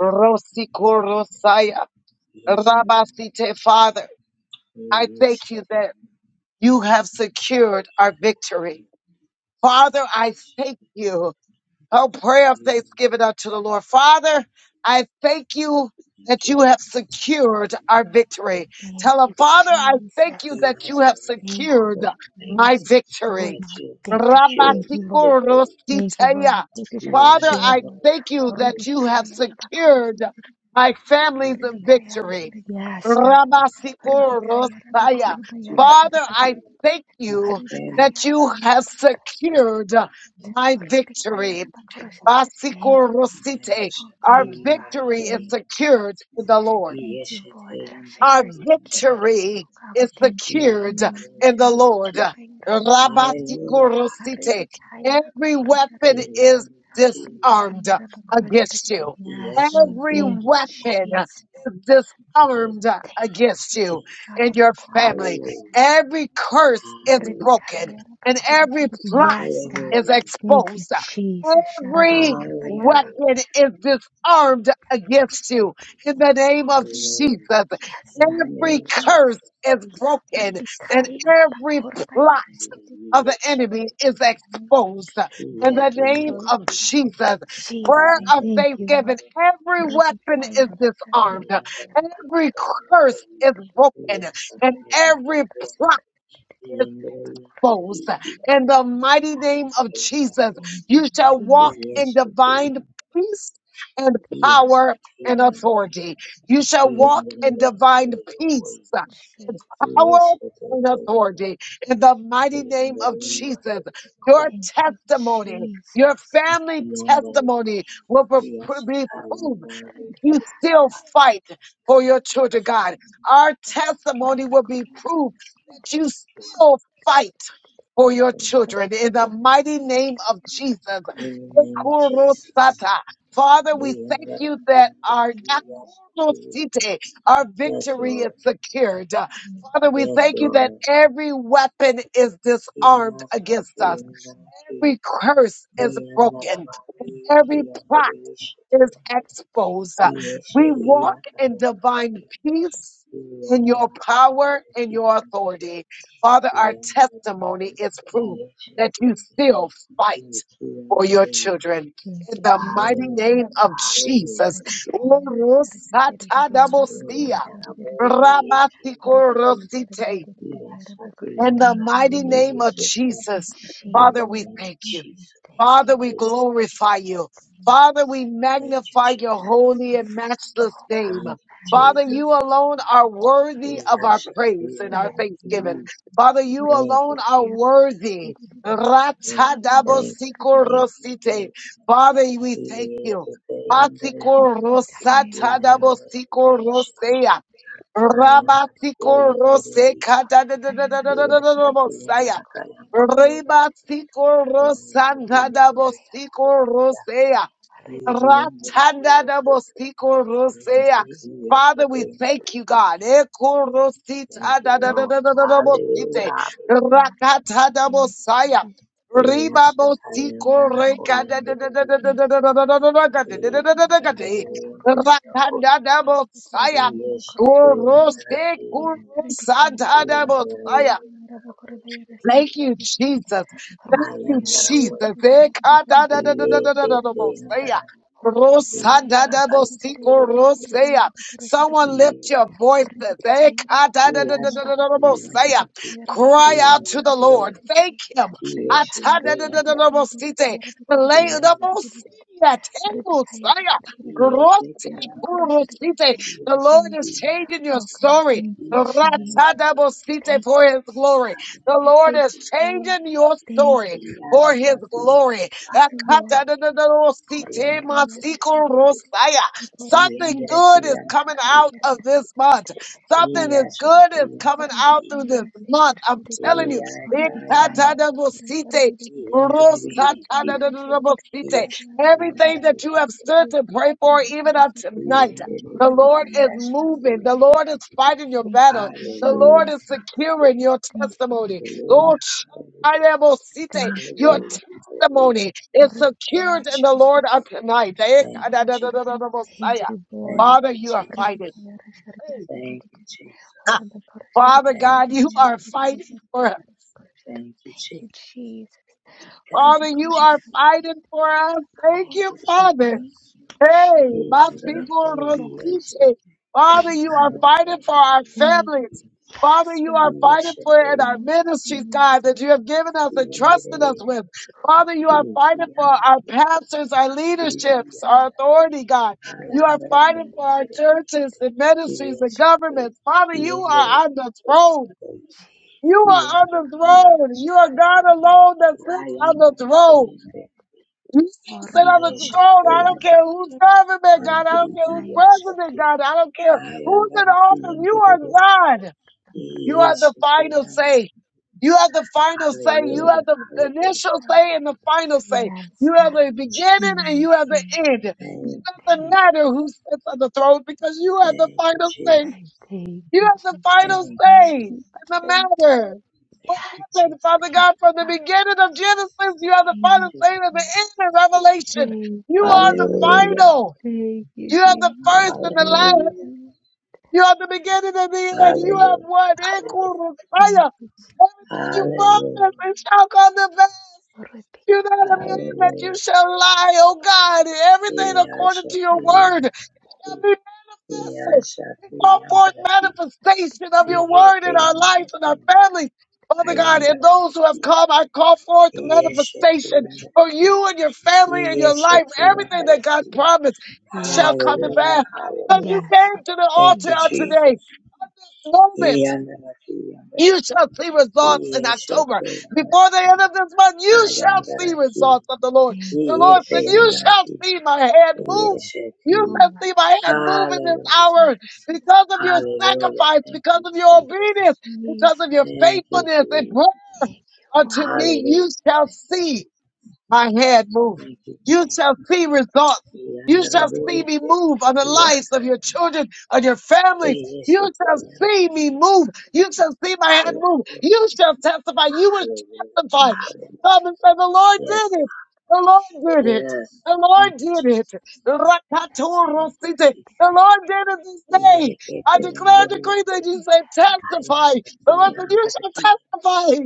Speaker 1: Rosikorosaya, Rabasite, Father, I thank you that you have secured our victory. Father, I thank you. Oh, prayer of thanksgiving unto the Lord. Father, I thank you that you have secured our victory. Tell
Speaker 2: Thank
Speaker 1: him,
Speaker 2: you,
Speaker 1: Father, I thank
Speaker 2: Jesus.
Speaker 1: you that you have
Speaker 2: Thank you,
Speaker 1: secured
Speaker 3: Father,
Speaker 2: Father.
Speaker 3: thank
Speaker 2: You have
Speaker 1: my
Speaker 3: you
Speaker 2: secured
Speaker 1: victory.
Speaker 3: that
Speaker 2: my
Speaker 3: you have
Speaker 2: victory.
Speaker 3: secured
Speaker 2: Thank you,
Speaker 3: my
Speaker 2: Lord.
Speaker 3: victory.
Speaker 2: Thank you, Lord. My
Speaker 1: Rabatikoroskiteya.
Speaker 2: victories are
Speaker 3: Yeah, I
Speaker 1: Father,
Speaker 2: secured,
Speaker 3: am
Speaker 1: I
Speaker 2: Lord.
Speaker 1: thank you
Speaker 3: the
Speaker 1: that you have secured my family's
Speaker 3: King.
Speaker 1: victory.
Speaker 2: Yes, God.
Speaker 3: Father, I thank you
Speaker 1: Rabasikorosaya.
Speaker 3: have
Speaker 1: Father,
Speaker 3: secured
Speaker 1: I thank
Speaker 3: my
Speaker 1: you
Speaker 3: family.
Speaker 1: that you have secured my victory. Basiko
Speaker 2: Thank
Speaker 1: Rosite.
Speaker 3: Yes,
Speaker 2: Oh,
Speaker 3: I'm
Speaker 1: Our
Speaker 2: thank you,
Speaker 3: going
Speaker 2: Father.
Speaker 3: to
Speaker 1: victory is
Speaker 2: Thank you,
Speaker 1: secured
Speaker 2: Jesus.
Speaker 1: in the Lord.
Speaker 2: Thank you, Lord, that our
Speaker 1: Our
Speaker 2: victory is given.
Speaker 1: victory
Speaker 2: God, we
Speaker 1: is
Speaker 2: thank you,
Speaker 3: Yes,
Speaker 1: secured
Speaker 3: I'm going to
Speaker 2: Jesus.
Speaker 1: in the Lord.
Speaker 3: be.
Speaker 1: Rabasiko
Speaker 3: Hallelujah.
Speaker 1: Rosite. Every weapon is
Speaker 3: Hallelujah.
Speaker 1: disarmed against you.
Speaker 2: Yes,
Speaker 3: Yes,
Speaker 2: Lord,
Speaker 1: Every
Speaker 3: Hallelujah.
Speaker 2: thank you,
Speaker 1: weapon
Speaker 2: Jesus.
Speaker 1: is disarmed
Speaker 2: Thank you,
Speaker 1: against
Speaker 2: Jesus.
Speaker 1: you and your family.
Speaker 3: Hallelujah.
Speaker 1: Every curse is broken and every plot
Speaker 2: Yes,
Speaker 3: Hallelujah.
Speaker 2: God.
Speaker 1: is
Speaker 2: Thank you,
Speaker 1: exposed.
Speaker 2: Jesus.
Speaker 1: Every
Speaker 3: Hallelujah.
Speaker 1: weapon is disarmed against you in the name of
Speaker 2: Jesus,
Speaker 3: Hallelujah.
Speaker 1: Jesus.
Speaker 2: yes,
Speaker 3: In the
Speaker 2: God,
Speaker 1: Every
Speaker 3: name of
Speaker 2: Jesus.
Speaker 3: Jesus.
Speaker 1: curse is broken and
Speaker 2: Rebekaya
Speaker 3: Yes.
Speaker 1: every plot of the enemy is exposed in
Speaker 3: Yes.
Speaker 1: the
Speaker 3: The end
Speaker 1: name
Speaker 3: of
Speaker 2: Lord
Speaker 3: the
Speaker 1: of
Speaker 3: kingdom.
Speaker 1: Jesus.
Speaker 2: Jesus,
Speaker 1: Prayer
Speaker 3: The
Speaker 2: I
Speaker 3: end
Speaker 1: of
Speaker 3: of
Speaker 2: thank you,
Speaker 1: thanksgiving.
Speaker 2: Lord.
Speaker 1: Every weapon is
Speaker 3: the
Speaker 1: disarmed.
Speaker 3: end of the kingdom.
Speaker 1: Every curse is broken
Speaker 3: Yes.
Speaker 1: and
Speaker 3: The end of
Speaker 1: every
Speaker 3: the kingdom.
Speaker 1: plot
Speaker 3: The
Speaker 1: foes.
Speaker 3: end
Speaker 1: In the mighty name
Speaker 3: of
Speaker 1: of
Speaker 3: the kingdom.
Speaker 1: Jesus,
Speaker 2: Thank you,
Speaker 1: you shall
Speaker 3: In
Speaker 1: walk
Speaker 2: Jesus.
Speaker 1: in divine peace and power and
Speaker 2: Thank
Speaker 1: authority. You shall walk in divine peace and
Speaker 2: Jesus.
Speaker 1: power and authority. In the mighty name of Jesus, your
Speaker 2: Thank you,
Speaker 1: testimony, your
Speaker 2: Jesus.
Speaker 1: family testimony
Speaker 2: Thank you,
Speaker 1: will
Speaker 2: Jesus.
Speaker 1: be proved you still fight for your children, God. Our testimony will be proof that you still fight for your
Speaker 2: Thank
Speaker 1: children in
Speaker 2: you,
Speaker 1: the mighty name of
Speaker 2: thank
Speaker 1: Jesus.
Speaker 2: you, thank you,
Speaker 3: the name of Jesus,
Speaker 1: Ekurosata. Father,
Speaker 2: Thank
Speaker 1: we
Speaker 3: we
Speaker 2: you,
Speaker 3: am
Speaker 1: thank
Speaker 2: Jesus.
Speaker 3: gonna
Speaker 1: you
Speaker 3: be
Speaker 1: that
Speaker 3: on the
Speaker 1: our
Speaker 2: Thank you,
Speaker 3: yes to
Speaker 1: akurosite, our
Speaker 3: Yes,
Speaker 1: victory is
Speaker 3: Lord.
Speaker 1: secured.
Speaker 2: Lord.
Speaker 1: Father, we
Speaker 3: Yes,
Speaker 1: thank
Speaker 2: Jesus.
Speaker 1: you that
Speaker 3: Lord.
Speaker 1: every weapon is disarmed
Speaker 3: Yes,
Speaker 1: against
Speaker 3: He
Speaker 1: us.
Speaker 3: am gonna be. on the key,
Speaker 1: Every curse is
Speaker 3: He am gonna
Speaker 1: broken.
Speaker 3: be.
Speaker 1: Every
Speaker 3: He am gonna
Speaker 1: plot is
Speaker 3: be.
Speaker 1: exposed. Uh, We
Speaker 3: Iyesheri
Speaker 1: walk in
Speaker 3: iyakayandara
Speaker 1: divine peace. In your
Speaker 3: iyandara
Speaker 1: power and your authority. Father, our
Speaker 3: iyesheri
Speaker 1: testimony is proof that you
Speaker 3: iyakiyandara
Speaker 1: still fight for your children.
Speaker 2: Thank
Speaker 1: In
Speaker 2: you,
Speaker 1: the
Speaker 2: thank
Speaker 1: mighty name
Speaker 3: hallelujah
Speaker 1: of Jesus.
Speaker 3: hallelujah
Speaker 1: Urusatadabosia,
Speaker 3: iyandara boyi iyandara
Speaker 1: rabatikorosikea.
Speaker 3: iyashati
Speaker 1: In the
Speaker 3: yandara
Speaker 1: mighty name of
Speaker 3: iyesheri
Speaker 1: Jesus,
Speaker 3: in the
Speaker 1: Father, we
Speaker 3: name of
Speaker 1: thank you.
Speaker 3: Jesus
Speaker 1: Father,
Speaker 3: thank
Speaker 1: we
Speaker 3: you Lord
Speaker 1: glorify you.
Speaker 2: you,
Speaker 1: Father, we
Speaker 2: Jesus.
Speaker 3: thank you
Speaker 1: magnify your
Speaker 3: Jesus
Speaker 1: holy and matchless
Speaker 2: Oh
Speaker 1: name.
Speaker 2: God,
Speaker 3: thank you
Speaker 1: Father,
Speaker 2: magnify
Speaker 3: Jesus
Speaker 1: you
Speaker 2: you, Lord.
Speaker 1: alone are worthy of our praise and our
Speaker 2: Yes,
Speaker 1: thanksgiving. Father, you
Speaker 3: thank
Speaker 1: alone
Speaker 3: you
Speaker 1: are
Speaker 3: Jesus
Speaker 1: worthy.
Speaker 3: thank you thank you
Speaker 2: Lord.
Speaker 3: thank you thank
Speaker 1: Ratadabosikirosite.
Speaker 3: you
Speaker 1: Father, we
Speaker 3: Thank
Speaker 1: thank you.
Speaker 2: Thank
Speaker 1: Asikorosatadabosikirosea.
Speaker 3: you, Lord. Hallelujah. Yes, I am gonna call you in the room. Yes,
Speaker 1: Kurosik,
Speaker 3: I am
Speaker 1: urusatadabosaya.
Speaker 3: gonna call
Speaker 1: Thank
Speaker 3: you.
Speaker 1: you, Jesus. Thank you,
Speaker 3: Ayandara
Speaker 1: Jesus.
Speaker 3: wo iye kete
Speaker 2: you.
Speaker 1: Ekadadadadadadadadabosea.
Speaker 3: yandara iye yandara kai kiri
Speaker 1: Rosadadabosiko rosea. Someone
Speaker 3: iye
Speaker 1: lift your voices.
Speaker 3: iye asa iye yandara
Speaker 1: Ekadadadadadadadabosea. Cry
Speaker 3: iye
Speaker 1: out to
Speaker 3: yandara
Speaker 1: the
Speaker 3: wo
Speaker 1: Lord. Thank Him.
Speaker 3: iye shete yandara
Speaker 1: Atadadadadadabosite. Lay
Speaker 3: iye
Speaker 1: the
Speaker 3: yandara
Speaker 1: bosea, tembosea.
Speaker 3: iye kete yandara
Speaker 1: Rotekorosite.
Speaker 3: iye
Speaker 1: The
Speaker 3: asa
Speaker 1: Lord
Speaker 2: Please,
Speaker 1: is
Speaker 3: iye
Speaker 1: changing your
Speaker 2: oh God,
Speaker 1: story.
Speaker 2: thank you,
Speaker 3: iye yandara
Speaker 2: Jesus.
Speaker 3: iye
Speaker 1: Ratadabosite
Speaker 2: Thank
Speaker 1: For
Speaker 2: you,
Speaker 1: his glory.
Speaker 2: Jesus.
Speaker 1: The Lord
Speaker 2: Thank
Speaker 1: is
Speaker 2: you, Lord.
Speaker 1: changing your
Speaker 2: Thank you,
Speaker 1: story
Speaker 3: iye
Speaker 1: for
Speaker 3: asa
Speaker 1: his
Speaker 2: Jesus.
Speaker 3: iye
Speaker 1: glory.
Speaker 2: Thank you,
Speaker 3: yandara
Speaker 2: Lord. Yes.
Speaker 3: ayandara
Speaker 2: Horribicaia Rasharded,
Speaker 3: iye
Speaker 2: Horribicaia
Speaker 1: Something
Speaker 3: yandara ki
Speaker 1: good is coming
Speaker 3: yandara
Speaker 2: Rabacora
Speaker 1: out
Speaker 3: iye
Speaker 1: of this month. Something
Speaker 3: iye
Speaker 1: is
Speaker 3: asa
Speaker 1: good is
Speaker 3: iye
Speaker 1: coming
Speaker 3: yandara
Speaker 1: out
Speaker 3: iye
Speaker 1: through this
Speaker 3: kete
Speaker 1: month. I'm telling
Speaker 3: iye
Speaker 1: you.
Speaker 3: asa yandara
Speaker 2: Sharded,
Speaker 3: Hallelujah,
Speaker 1: Everything that you have stood to pray for, even on tonight, the Lord is moving. The
Speaker 3: hallelujah,
Speaker 1: Lord is fighting your
Speaker 2: Thank
Speaker 1: battles.
Speaker 2: you,
Speaker 1: The Lord is
Speaker 2: Jesus.
Speaker 1: securing your
Speaker 2: Thank you,
Speaker 1: testimony.
Speaker 3: hallelujah,
Speaker 1: Lord, Shantarabosite,
Speaker 2: thank you,
Speaker 1: your
Speaker 3: hallelujah, hallelujah.
Speaker 1: testimony is
Speaker 2: Horribicaia
Speaker 1: secured in the Lord of tonight. Eh,
Speaker 3: Thank you, Jesus.
Speaker 1: kadadadadadadabosaya.
Speaker 2: Thank you, Lord.
Speaker 3: Thank
Speaker 1: Father,
Speaker 3: you, Jesus.
Speaker 1: you are fighting.
Speaker 2: ಹೊರಡಿಕೆಯರ
Speaker 1: Eh,
Speaker 3: Thank you, Jesus.
Speaker 1: ah, Father
Speaker 3: Thank you,
Speaker 1: God, you are fighting for us.
Speaker 3: Thank you,
Speaker 2: Thank you,
Speaker 3: Jesus.
Speaker 2: Jesus.
Speaker 3: Thank you.
Speaker 1: Father, you
Speaker 2: Horabakora
Speaker 1: are fighting for us. Thank
Speaker 3: Thank
Speaker 1: you,
Speaker 3: you,
Speaker 1: Father.
Speaker 3: Jesus.
Speaker 2: Thank you,
Speaker 1: Hey,
Speaker 3: He
Speaker 1: my
Speaker 2: Jesus.
Speaker 3: and the
Speaker 2: Thank
Speaker 1: people
Speaker 3: boy,
Speaker 2: you,
Speaker 3: he
Speaker 2: Lord.
Speaker 1: receive
Speaker 3: is it.
Speaker 1: it. Father,
Speaker 2: Thank
Speaker 1: you
Speaker 3: I
Speaker 2: you,
Speaker 1: are
Speaker 3: am,
Speaker 2: Lord.
Speaker 1: fighting for our
Speaker 2: Thank
Speaker 1: families.
Speaker 2: yes,
Speaker 1: Father, you
Speaker 3: he
Speaker 2: God.
Speaker 1: are fighting
Speaker 3: is it.
Speaker 1: for
Speaker 3: He
Speaker 1: it in our
Speaker 3: and
Speaker 2: Oh,
Speaker 3: the
Speaker 1: ministries, God,
Speaker 2: Jesus.
Speaker 1: that you have given us
Speaker 3: he
Speaker 1: and
Speaker 3: and the
Speaker 1: trusted us with. Father, you
Speaker 3: he
Speaker 1: are
Speaker 3: and
Speaker 1: fighting for our pastors, our leaderships,
Speaker 3: Hallelujah.
Speaker 1: our authority, God. You are
Speaker 3: Alambra
Speaker 1: fighting
Speaker 2: Rebekaya
Speaker 1: for our
Speaker 3: yendere
Speaker 2: Shark.
Speaker 1: churches and ministries and
Speaker 3: yeshwe
Speaker 1: governments. Father, you are
Speaker 3: yendere
Speaker 1: on the throne.
Speaker 3: yokoye
Speaker 1: You
Speaker 2: Jesus.
Speaker 1: are on
Speaker 3: yendere
Speaker 1: the
Speaker 3: ye
Speaker 2: Horabakora
Speaker 1: throne. You are
Speaker 2: Bayara
Speaker 1: God
Speaker 2: Sharkirate.
Speaker 1: alone that sits on the
Speaker 3: ayambara
Speaker 1: throne.
Speaker 3: koye
Speaker 1: You still sit on the
Speaker 2: Horabakora
Speaker 1: throne.
Speaker 3: yeshwe
Speaker 1: I don't care who's government, God. I
Speaker 3: yandiri
Speaker 1: don't care who's
Speaker 3: yasha
Speaker 1: president, God. I don't care who's in
Speaker 3: ayambara
Speaker 1: office. You
Speaker 3: kiyendere
Speaker 1: are God. You have the final
Speaker 3: yeshwe
Speaker 1: say. You have the final say. You
Speaker 3: hallelujah
Speaker 1: have the initial
Speaker 3: hallelujah
Speaker 1: say and the final say.
Speaker 2: Yes,
Speaker 1: You have
Speaker 2: God.
Speaker 3: thank
Speaker 1: the
Speaker 3: you
Speaker 1: beginning
Speaker 3: jesus
Speaker 1: and you
Speaker 2: Yes.
Speaker 1: have the
Speaker 2: Lord.
Speaker 1: end. It
Speaker 3: thank you
Speaker 2: Thank, you.
Speaker 1: doesn't
Speaker 3: jesus
Speaker 1: matter who sits on the throne because you have the
Speaker 3: thank you
Speaker 1: final say.
Speaker 3: jesus
Speaker 2: thank
Speaker 1: You
Speaker 2: you,
Speaker 1: have the
Speaker 2: Jesus.
Speaker 1: final
Speaker 3: thank you
Speaker 2: Thank
Speaker 1: say
Speaker 3: jesus
Speaker 1: in
Speaker 2: you,
Speaker 1: the
Speaker 2: Father. God.
Speaker 1: matter.
Speaker 2: Yeah.
Speaker 1: What
Speaker 3: thank you
Speaker 1: happened,
Speaker 3: jesus
Speaker 1: Father
Speaker 2: Thank you,
Speaker 1: God, from the
Speaker 2: Father.
Speaker 1: beginning of Genesis, you have the
Speaker 2: Thank you.
Speaker 1: final
Speaker 3: Jesus,
Speaker 1: say and the end of
Speaker 3: Jesus.
Speaker 1: Revelation.
Speaker 2: Thank
Speaker 1: You
Speaker 2: you.
Speaker 1: are the
Speaker 2: Lord.
Speaker 3: hallelujah
Speaker 1: final.
Speaker 2: Thank you,
Speaker 1: You have the
Speaker 2: Jesus.
Speaker 1: first and the
Speaker 2: Thank
Speaker 1: last.
Speaker 3: hallelujah
Speaker 2: you.
Speaker 1: You are the beginning and the end. You have
Speaker 3: Hallelujah.
Speaker 1: what?
Speaker 3: Hallelujah.
Speaker 1: Everything
Speaker 2: Thank you, Jesus.
Speaker 1: you
Speaker 3: Hallelujah.
Speaker 1: promised, it shall come to pass.
Speaker 2: Rebecca.
Speaker 1: You're not a man that you
Speaker 3: Hallelujah.
Speaker 1: shall lie, oh God. Everything according to your
Speaker 3: Iyashati
Speaker 2: Rebecca.
Speaker 1: word, it
Speaker 3: yandere.
Speaker 1: shall be manifested. We
Speaker 3: Iyashati
Speaker 1: call forth
Speaker 3: yandere.
Speaker 1: manifestation of your word in
Speaker 3: Iyepe
Speaker 1: our lives
Speaker 3: yandere.
Speaker 1: and our families. Father God, and
Speaker 3: Ayandere.
Speaker 1: those who have come, I call forth
Speaker 3: Iyeshati
Speaker 1: manifestation
Speaker 3: yandere
Speaker 1: for
Speaker 3: ki.
Speaker 1: you and your family and your life.
Speaker 3: Iyeshati
Speaker 1: Everything
Speaker 3: yandere
Speaker 1: that
Speaker 2: Yes,
Speaker 1: God
Speaker 3: ki.
Speaker 2: Jesus.
Speaker 1: promised it shall
Speaker 2: Yes,
Speaker 1: come to
Speaker 2: God.
Speaker 3: Hallelujah.
Speaker 1: pass because you
Speaker 3: Hallelujah.
Speaker 2: Yes,
Speaker 1: came
Speaker 2: Lord.
Speaker 1: to the
Speaker 3: Thank
Speaker 1: altar
Speaker 3: you,
Speaker 2: Jesus.
Speaker 1: on
Speaker 2: name.
Speaker 3: Jesus.
Speaker 1: today, on this moment.
Speaker 3: Iyandere ki yandere
Speaker 1: You
Speaker 3: ki.
Speaker 1: shall see results in October.
Speaker 3: Iyeshati yandere.
Speaker 1: Before the end of this month, you shall see
Speaker 3: Ayandere ki.
Speaker 1: results of the Lord.
Speaker 2: Thank
Speaker 1: The
Speaker 2: you,
Speaker 1: Lord
Speaker 3: Iyepe
Speaker 1: said, You
Speaker 3: yandere
Speaker 2: Jesus.
Speaker 1: shall
Speaker 3: ki.
Speaker 1: see my hand move. You
Speaker 3: Iyeshati.
Speaker 2: Oh,
Speaker 1: shall
Speaker 2: I
Speaker 1: see my hand
Speaker 2: receive,
Speaker 1: move in this
Speaker 3: Hallelujah.
Speaker 2: receive,
Speaker 1: hour
Speaker 2: Jesus.
Speaker 1: because of your
Speaker 3: Hallelujah.
Speaker 1: sacrifice,
Speaker 3: Thank
Speaker 1: because
Speaker 3: you,
Speaker 1: of your
Speaker 2: Thank
Speaker 3: Jesus.
Speaker 1: obedience,
Speaker 2: you,
Speaker 1: because
Speaker 2: Jesus.
Speaker 1: of your
Speaker 3: Thank you,
Speaker 1: faithfulness. And
Speaker 3: Jesus.
Speaker 2: Thank you, Lord.
Speaker 1: unto me, you
Speaker 3: Hallelujah,
Speaker 1: shall see
Speaker 3: Jesus.
Speaker 1: my head move.
Speaker 3: Thank you,
Speaker 1: You
Speaker 3: Jesus.
Speaker 1: shall see results. You shall
Speaker 3: Yandaraboye.
Speaker 1: see me move on the lives of your
Speaker 3: Yakaya.
Speaker 1: children, on your families.
Speaker 3: Hey, yes, you
Speaker 1: You shall
Speaker 3: can.
Speaker 1: see me move. You shall see my hand move.
Speaker 3: Hallelujah.
Speaker 1: You shall testify. You will
Speaker 3: Hallelujah.
Speaker 1: testify.
Speaker 2: Thank you,
Speaker 3: Hallelujah.
Speaker 1: Come and say, the Lord
Speaker 3: Yes,
Speaker 1: did it.
Speaker 3: God.
Speaker 1: The
Speaker 2: Jesus.
Speaker 1: Lord did it.
Speaker 3: Yes.
Speaker 1: The
Speaker 3: Thank you.
Speaker 1: Lord did it.
Speaker 3: Thank you.
Speaker 1: Rakatorosite. The Lord did it this day. I
Speaker 3: Yekete
Speaker 1: declare and decree that
Speaker 3: yondoroyokoye.
Speaker 1: you say
Speaker 2: Yeah,
Speaker 3: Hayashite
Speaker 1: testify. The Lord said,
Speaker 2: yeah,
Speaker 1: you shall
Speaker 3: yandarakire.
Speaker 1: testify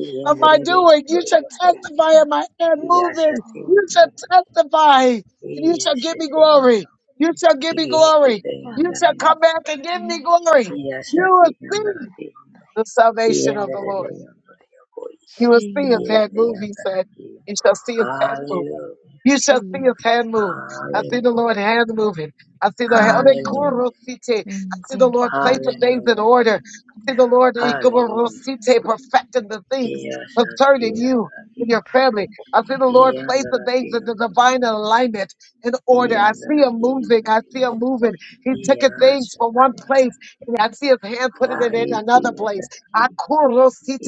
Speaker 2: She'll
Speaker 1: of my
Speaker 3: Yenderebe
Speaker 2: testify.
Speaker 1: doing.
Speaker 2: Thank
Speaker 1: You
Speaker 2: you
Speaker 1: shall
Speaker 2: for
Speaker 3: yondoroyokoye.
Speaker 2: this
Speaker 1: testify of my hand moving.
Speaker 3: Yashate
Speaker 2: wonderful,
Speaker 1: You shall
Speaker 3: yandara.
Speaker 1: testify and you shall give me
Speaker 3: Yeshete
Speaker 1: glory.
Speaker 3: yondoro.
Speaker 1: You shall give me glory.
Speaker 3: Yekete
Speaker 1: You
Speaker 2: holy,
Speaker 1: shall come
Speaker 3: yandara.
Speaker 1: back and give
Speaker 2: holy,
Speaker 1: me glory.
Speaker 2: magnified
Speaker 1: You
Speaker 3: Yashati
Speaker 1: will see
Speaker 3: yandaraki
Speaker 2: night.
Speaker 3: yondo.
Speaker 1: the
Speaker 2: Praise
Speaker 1: salvation of the
Speaker 3: Yenderebe
Speaker 1: Lord.
Speaker 3: yondore yokoi.
Speaker 1: You will see his
Speaker 2: Cheese,
Speaker 1: hand
Speaker 3: Yete
Speaker 1: move, he said.
Speaker 3: yandaraki
Speaker 1: You
Speaker 3: yondo.
Speaker 1: shall see his hand move.
Speaker 3: Hallelujah.
Speaker 1: You shall see
Speaker 2: cheese.
Speaker 1: his hand move. I see the
Speaker 3: Hallelujah.
Speaker 1: Lord hand moving. I see the hand.
Speaker 2: Mm,
Speaker 3: Hallelujah.
Speaker 1: I
Speaker 2: mm,
Speaker 1: see the
Speaker 2: thank
Speaker 1: Lord
Speaker 2: you,
Speaker 1: place the things in
Speaker 3: Hallelujah.
Speaker 1: order. I see the Lord
Speaker 3: Hallelujah.
Speaker 1: perfecting the things
Speaker 3: Yashati
Speaker 1: concerning you
Speaker 3: yandaraki
Speaker 1: and your
Speaker 3: yondo.
Speaker 1: family. I
Speaker 2: thank
Speaker 1: see the Lord place the
Speaker 3: Yandaraki
Speaker 1: things in the
Speaker 3: yondo.
Speaker 1: divine alignment in order. I see him
Speaker 3: Yandaraki
Speaker 1: moving. I see
Speaker 3: yandaraki.
Speaker 1: him moving. He's taking things from one
Speaker 3: Yashataya.
Speaker 1: place and I see his hand putting it in
Speaker 3: Hayati
Speaker 1: another place.
Speaker 3: yandaraki.
Speaker 1: The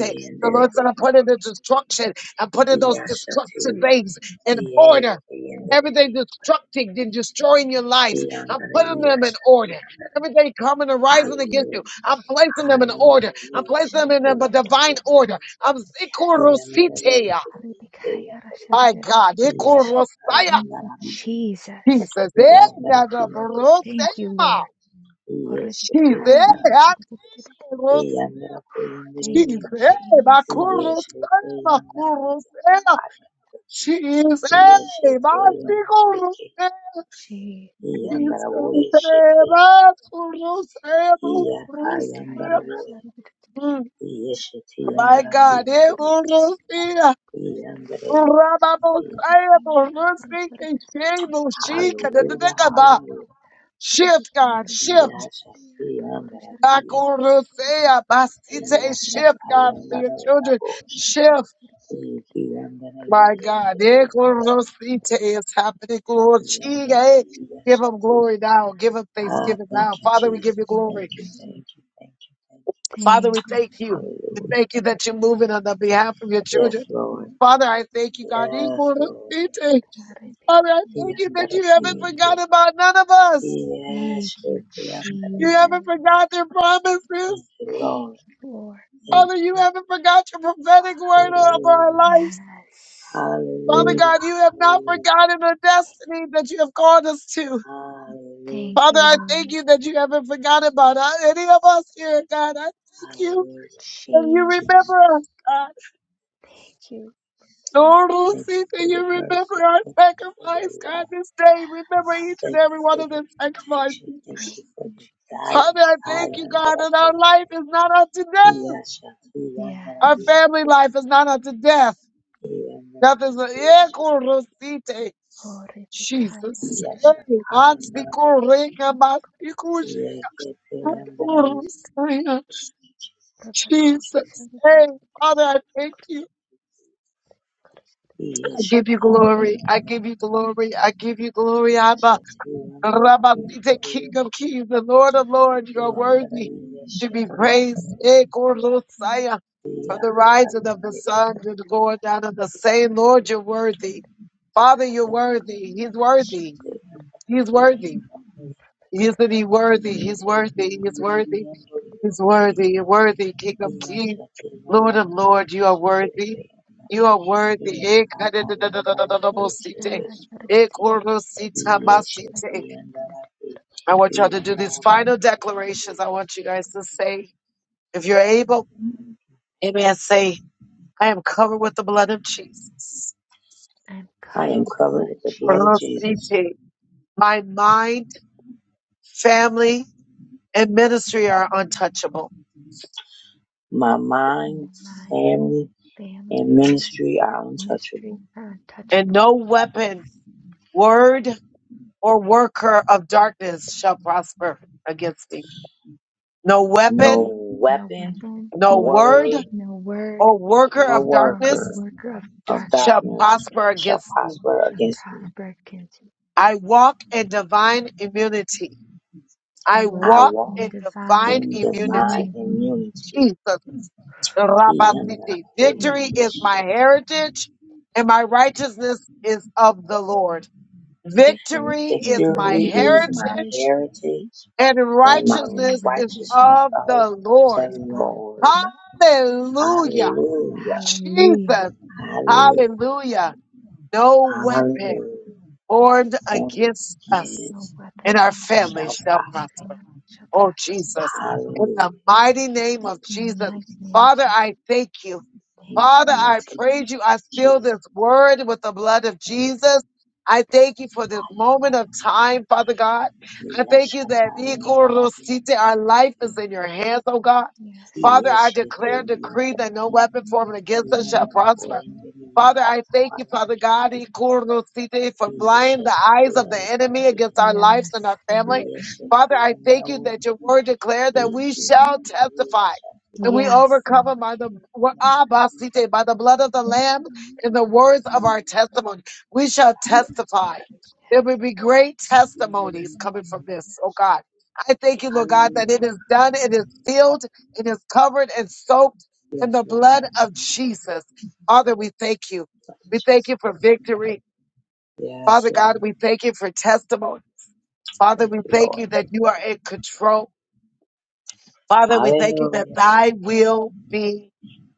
Speaker 2: you. Thank you,
Speaker 1: Lord said, I
Speaker 3: yondo.
Speaker 1: put it in
Speaker 2: Kayarasha.
Speaker 1: destruction. I put in those
Speaker 3: Yashati.
Speaker 1: destruction things in order.
Speaker 3: Yete yandaraki.
Speaker 1: Everything destructing and destroying your lives, I'm putting them
Speaker 3: Yes.
Speaker 1: in order. Everything coming and rising against
Speaker 2: Thank
Speaker 1: you,
Speaker 2: you,
Speaker 3: Hallelujah.
Speaker 1: I'm placing
Speaker 2: Jesus.
Speaker 1: them in order. I'm placing
Speaker 2: Thank
Speaker 3: Hallelujah.
Speaker 1: them in a
Speaker 2: you, Lord.
Speaker 1: divine order. I'm
Speaker 2: Yes,
Speaker 1: Zikorositeya.
Speaker 3: Hallelujah.
Speaker 2: Aribikaya
Speaker 1: My
Speaker 2: Rasharga.
Speaker 1: God, Ikorosaya.
Speaker 2: Thank you, Jesus.
Speaker 1: Jesus, eh,
Speaker 2: Thank you,
Speaker 1: Nadabrosema.
Speaker 2: Lord.
Speaker 3: iyesheke
Speaker 1: Jesus,
Speaker 2: Aribikaya
Speaker 3: yambara
Speaker 1: eh,
Speaker 2: Rasharga.
Speaker 1: Kuros,
Speaker 3: iyambara kuimbiri
Speaker 2: Thank
Speaker 1: Jesus,
Speaker 2: you,
Speaker 3: bindi
Speaker 1: eh,
Speaker 2: Jesus.
Speaker 1: Makurosaya,
Speaker 3: iyesheke yambara
Speaker 1: Makurosaya.
Speaker 3: nakati
Speaker 1: Jesus, eh,
Speaker 3: iyesheke
Speaker 1: Masikoros,
Speaker 2: Jesus.
Speaker 3: iyambara woyesheke iyaka
Speaker 2: Rebecca
Speaker 3: yambara
Speaker 2: Yara
Speaker 3: woye
Speaker 2: Sharif
Speaker 3: iyesheke
Speaker 1: My
Speaker 3: yambara
Speaker 2: Rebecca
Speaker 1: God,
Speaker 2: Yara
Speaker 1: eh,
Speaker 2: Sharif
Speaker 1: Urusia,
Speaker 3: Hallelujah,
Speaker 2: Rebecca
Speaker 1: Urababosaya,
Speaker 2: Yara Bakora Sharif
Speaker 1: Urusiki, Shebu,
Speaker 2: Yara
Speaker 1: Shika,
Speaker 2: Bakora
Speaker 1: da, da, da,
Speaker 2: Sharif
Speaker 1: da, ba.
Speaker 3: hallelujah.
Speaker 1: shift,
Speaker 2: Rebecca
Speaker 1: God,
Speaker 2: Yara Sharif
Speaker 1: shift.
Speaker 3: Yes, yes,
Speaker 2: Yara Bakora Sharif
Speaker 1: Back
Speaker 3: Thank
Speaker 2: Bakora
Speaker 1: Urusia,
Speaker 2: Sharif
Speaker 1: Basite, shift,
Speaker 2: Rebecca
Speaker 1: God,
Speaker 2: Yara
Speaker 1: for your
Speaker 2: Sharif
Speaker 1: children,
Speaker 2: Yara Bakora
Speaker 1: shift.
Speaker 2: Sharif
Speaker 1: My
Speaker 2: Rebecca Yara
Speaker 1: God, eh,
Speaker 2: Sharif
Speaker 1: Urusite, it's happening, Urusia, eh. Give him
Speaker 3: you,
Speaker 1: glory now. Give him
Speaker 3: Ah,
Speaker 1: thanksgiving
Speaker 3: thank
Speaker 1: now.
Speaker 3: you,
Speaker 1: Father, we give you
Speaker 3: Jesus.
Speaker 2: Thank
Speaker 1: glory.
Speaker 3: Thank
Speaker 2: you,
Speaker 3: you,
Speaker 2: Jesus.
Speaker 3: thank you, thank you, thank you.
Speaker 1: Father,
Speaker 2: Thank
Speaker 1: we
Speaker 2: you,
Speaker 1: thank you.
Speaker 2: Jesus.
Speaker 1: We
Speaker 3: Hallelujah.
Speaker 1: thank you that you're moving on the behalf of your
Speaker 3: Yes,
Speaker 1: children.
Speaker 3: Lord.
Speaker 1: Father, I thank you, God. Father,
Speaker 3: Yes,
Speaker 1: I
Speaker 3: Lord.
Speaker 2: Rebecca
Speaker 1: thank
Speaker 2: Yara
Speaker 1: you that you haven't
Speaker 2: Thank
Speaker 3: Yandaraki,
Speaker 1: forgotten about none of us.
Speaker 2: thank
Speaker 3: Yes,
Speaker 2: you,
Speaker 1: You
Speaker 2: Jesus.
Speaker 3: Yandaraki.
Speaker 1: haven't forgotten your promises.
Speaker 3: Thank you,
Speaker 2: Thank
Speaker 3: Lord.
Speaker 2: you, Lord.
Speaker 3: Thank
Speaker 1: Father, you
Speaker 3: you.
Speaker 1: haven't forgot your prophetic word over our
Speaker 3: Hallelujah.
Speaker 1: lives.
Speaker 2: Yes.
Speaker 1: Father
Speaker 3: Hallelujah.
Speaker 1: God, you have not
Speaker 3: Hallelujah.
Speaker 1: forgotten the destiny that you have called us to.
Speaker 3: Hallelujah.
Speaker 2: Thank
Speaker 1: Father,
Speaker 2: you,
Speaker 1: I thank
Speaker 2: Lord.
Speaker 1: you that you haven't forgotten about uh, any of us here, God. I thank
Speaker 2: Thank
Speaker 1: you
Speaker 2: you,
Speaker 3: Hallelujah. Thank
Speaker 1: that you
Speaker 3: you,
Speaker 2: Jesus.
Speaker 3: Jesus,
Speaker 1: remember us, God.
Speaker 2: Thank you, Lord.
Speaker 1: Lord, will see that
Speaker 3: for
Speaker 1: you
Speaker 3: your
Speaker 1: remember
Speaker 3: mercy,
Speaker 1: our
Speaker 3: for
Speaker 1: sacrifice,
Speaker 3: your
Speaker 1: God,
Speaker 3: love.
Speaker 1: this day. Remember
Speaker 3: God,
Speaker 1: each and
Speaker 3: thank you
Speaker 1: every
Speaker 3: for
Speaker 1: one of
Speaker 3: your
Speaker 1: the
Speaker 3: protection.
Speaker 1: sacrifices.
Speaker 3: Thank
Speaker 2: Thank
Speaker 3: you for
Speaker 2: you,
Speaker 3: your
Speaker 2: Jesus.
Speaker 1: Father,
Speaker 3: guidance.
Speaker 1: I
Speaker 3: I
Speaker 1: thank you,
Speaker 3: am
Speaker 1: God, that our
Speaker 3: Hallelujah.
Speaker 1: life is not unto death.
Speaker 3: Yes, yes, yes, yes,
Speaker 1: Our
Speaker 2: Yes.
Speaker 1: family life is not unto death.
Speaker 3: yes,
Speaker 1: Death is a yeah,
Speaker 3: yes,
Speaker 1: Corosite.
Speaker 2: Lord, if
Speaker 3: yes,
Speaker 1: Jesus.
Speaker 3: yes,
Speaker 1: Hey,
Speaker 3: hallelujah.
Speaker 1: Mansikoreka, Mansikuje,
Speaker 3: Yeah, get the end that I am need.
Speaker 1: Mansikorosaya.
Speaker 3: Jesus, thank you, Jesus.
Speaker 1: Jesus. Hey, Father, I thank you. I give you
Speaker 3: Yes, I
Speaker 1: glory. I give
Speaker 3: am
Speaker 1: you
Speaker 3: yes, yes,
Speaker 1: glory. I give you glory,
Speaker 3: yes.
Speaker 1: Abba. Rabasite, King of Kings, the Lord of Lords, you are
Speaker 2: Oh,
Speaker 1: worthy to
Speaker 2: thank
Speaker 1: be praised. Eh,
Speaker 2: you.
Speaker 1: From the rising of the sun to the going down of the same Lord, you're worthy. Father, you're worthy. He's worthy. He's worthy. Isn't he worthy? He's worthy. He's worthy. He's worthy. You're worthy, King of Kings, Lord of Lords, you are worthy. You are worthy. Eh, kadadadadadadadabosite. Eh, I want y'all to do these final declarations. I want you guys to say, if you're able, amen, say, I am covered with the blood of Jesus.
Speaker 2: I'm
Speaker 3: I am
Speaker 2: covered with the blood
Speaker 3: covered
Speaker 2: of
Speaker 3: with the blood
Speaker 2: Jesus.
Speaker 3: of Jesus.
Speaker 1: Velocity. My mind, family, and ministry are untouchable.
Speaker 3: My mind,
Speaker 2: My mind,
Speaker 3: family,
Speaker 2: family,
Speaker 3: and ministry are
Speaker 2: ministry
Speaker 3: untouchable.
Speaker 2: are
Speaker 1: And
Speaker 2: untouchable.
Speaker 1: no weapon, word, or worker of darkness shall prosper against me. No
Speaker 3: No
Speaker 1: weapon,
Speaker 2: No
Speaker 3: weapon,
Speaker 2: weapon,
Speaker 1: no word,
Speaker 3: word,
Speaker 2: no word,
Speaker 1: or worker
Speaker 3: nor
Speaker 1: of
Speaker 2: or
Speaker 3: worker
Speaker 1: darkness
Speaker 2: worker of
Speaker 3: of
Speaker 2: darkness.
Speaker 1: shall
Speaker 3: darkness
Speaker 1: prosper
Speaker 3: shall
Speaker 1: against me.
Speaker 3: prosper
Speaker 2: shall
Speaker 3: against me.
Speaker 2: prosper because
Speaker 1: I walk in divine immunity.
Speaker 2: I
Speaker 1: I
Speaker 2: walk
Speaker 3: I
Speaker 1: walk
Speaker 3: walk
Speaker 2: in
Speaker 1: in divine
Speaker 2: divine
Speaker 3: in divine
Speaker 1: immunity.
Speaker 2: immunity.
Speaker 3: immunity.
Speaker 1: Jesus. Rabasiti.
Speaker 2: Vic-
Speaker 1: Victory is my
Speaker 3: Victory
Speaker 1: heritage and my righteousness is of the Lord.
Speaker 2: Victory
Speaker 1: Victory is
Speaker 2: is my
Speaker 1: my
Speaker 3: is my
Speaker 2: heritage
Speaker 1: heritage
Speaker 3: heritage
Speaker 1: and
Speaker 3: and my
Speaker 2: and
Speaker 1: righteousness is
Speaker 2: righteousness
Speaker 3: righteousness
Speaker 1: of
Speaker 3: of
Speaker 1: the
Speaker 3: the
Speaker 1: Lord.
Speaker 2: is my
Speaker 3: Lord.
Speaker 2: foot.
Speaker 1: Hallelujah.
Speaker 3: Hallelujah.
Speaker 2: Hallelujah.
Speaker 1: Jesus.
Speaker 3: Hallelujah.
Speaker 1: Hallelujah. No weapon
Speaker 3: Hallelujah.
Speaker 1: formed against us
Speaker 3: Yes.
Speaker 2: No weapon
Speaker 1: and our
Speaker 2: formed against
Speaker 1: family
Speaker 3: shall
Speaker 1: shall
Speaker 3: prosper.
Speaker 2: me
Speaker 1: prosper.
Speaker 2: shall
Speaker 1: Oh,
Speaker 2: prosper.
Speaker 1: Jesus. In
Speaker 3: Hallelujah.
Speaker 1: the mighty name of
Speaker 3: Thank
Speaker 2: In the
Speaker 3: you,
Speaker 1: Jesus.
Speaker 2: mighty
Speaker 3: Jesus.
Speaker 2: name of
Speaker 1: Father,
Speaker 2: Jesus.
Speaker 1: I thank you.
Speaker 2: Thank
Speaker 3: In
Speaker 2: you.
Speaker 3: the
Speaker 1: Father,
Speaker 3: mighty
Speaker 1: I
Speaker 3: name
Speaker 1: praise
Speaker 3: of
Speaker 1: you. I seal
Speaker 3: Jesus.
Speaker 1: this word with the blood of
Speaker 3: Thank you.
Speaker 1: Jesus. I thank you for this moment of time, Father God. I thank
Speaker 3: Yes,
Speaker 1: you that
Speaker 3: Yashakaya Barabaki.
Speaker 1: Ikorosite, our life is in your hands, oh God.
Speaker 2: Yes, Lord.
Speaker 1: Father, I declare
Speaker 3: Yeshete
Speaker 1: and decree that no
Speaker 3: Yandaraki.
Speaker 1: weapon formed against us shall prosper.
Speaker 3: Yandarakori.
Speaker 1: Father, I thank you,
Speaker 3: Yakamala.
Speaker 1: Father God, Ikorunosite, for
Speaker 3: Yes,
Speaker 1: blind the eyes of the enemy
Speaker 3: Yandaraki.
Speaker 1: against our lives and
Speaker 2: Yes,
Speaker 1: our
Speaker 2: Lord.
Speaker 1: family.
Speaker 3: Yeshete Yandaraki. Yeshete
Speaker 1: Father, I thank you
Speaker 3: Yandaraki.
Speaker 1: that your word declared that we shall testify and we
Speaker 2: Yes,
Speaker 1: overcome
Speaker 2: Lord.
Speaker 1: them by the Ah, basite, by the blood of the Lamb and the words of our testimony. We shall testify. There will
Speaker 2: Yes.
Speaker 1: be great testimonies coming from this, oh God. I thank you, Lord God, that it is done, it
Speaker 3: Hallelujah.
Speaker 1: is sealed, it is covered and soaked in
Speaker 3: Yes,
Speaker 1: the
Speaker 3: Lord.
Speaker 1: blood of Jesus. Father, we thank you.
Speaker 3: Thank you,
Speaker 1: We thank
Speaker 3: Jesus.
Speaker 1: you for victory.
Speaker 3: Yes,
Speaker 1: Father God,
Speaker 3: Lord.
Speaker 1: we thank you for testimony. Father,
Speaker 3: Thank
Speaker 1: we
Speaker 3: you,
Speaker 1: thank
Speaker 3: Lord.
Speaker 1: you that you are in control. Father, we thank you that
Speaker 3: Hallelujah.
Speaker 1: thy will be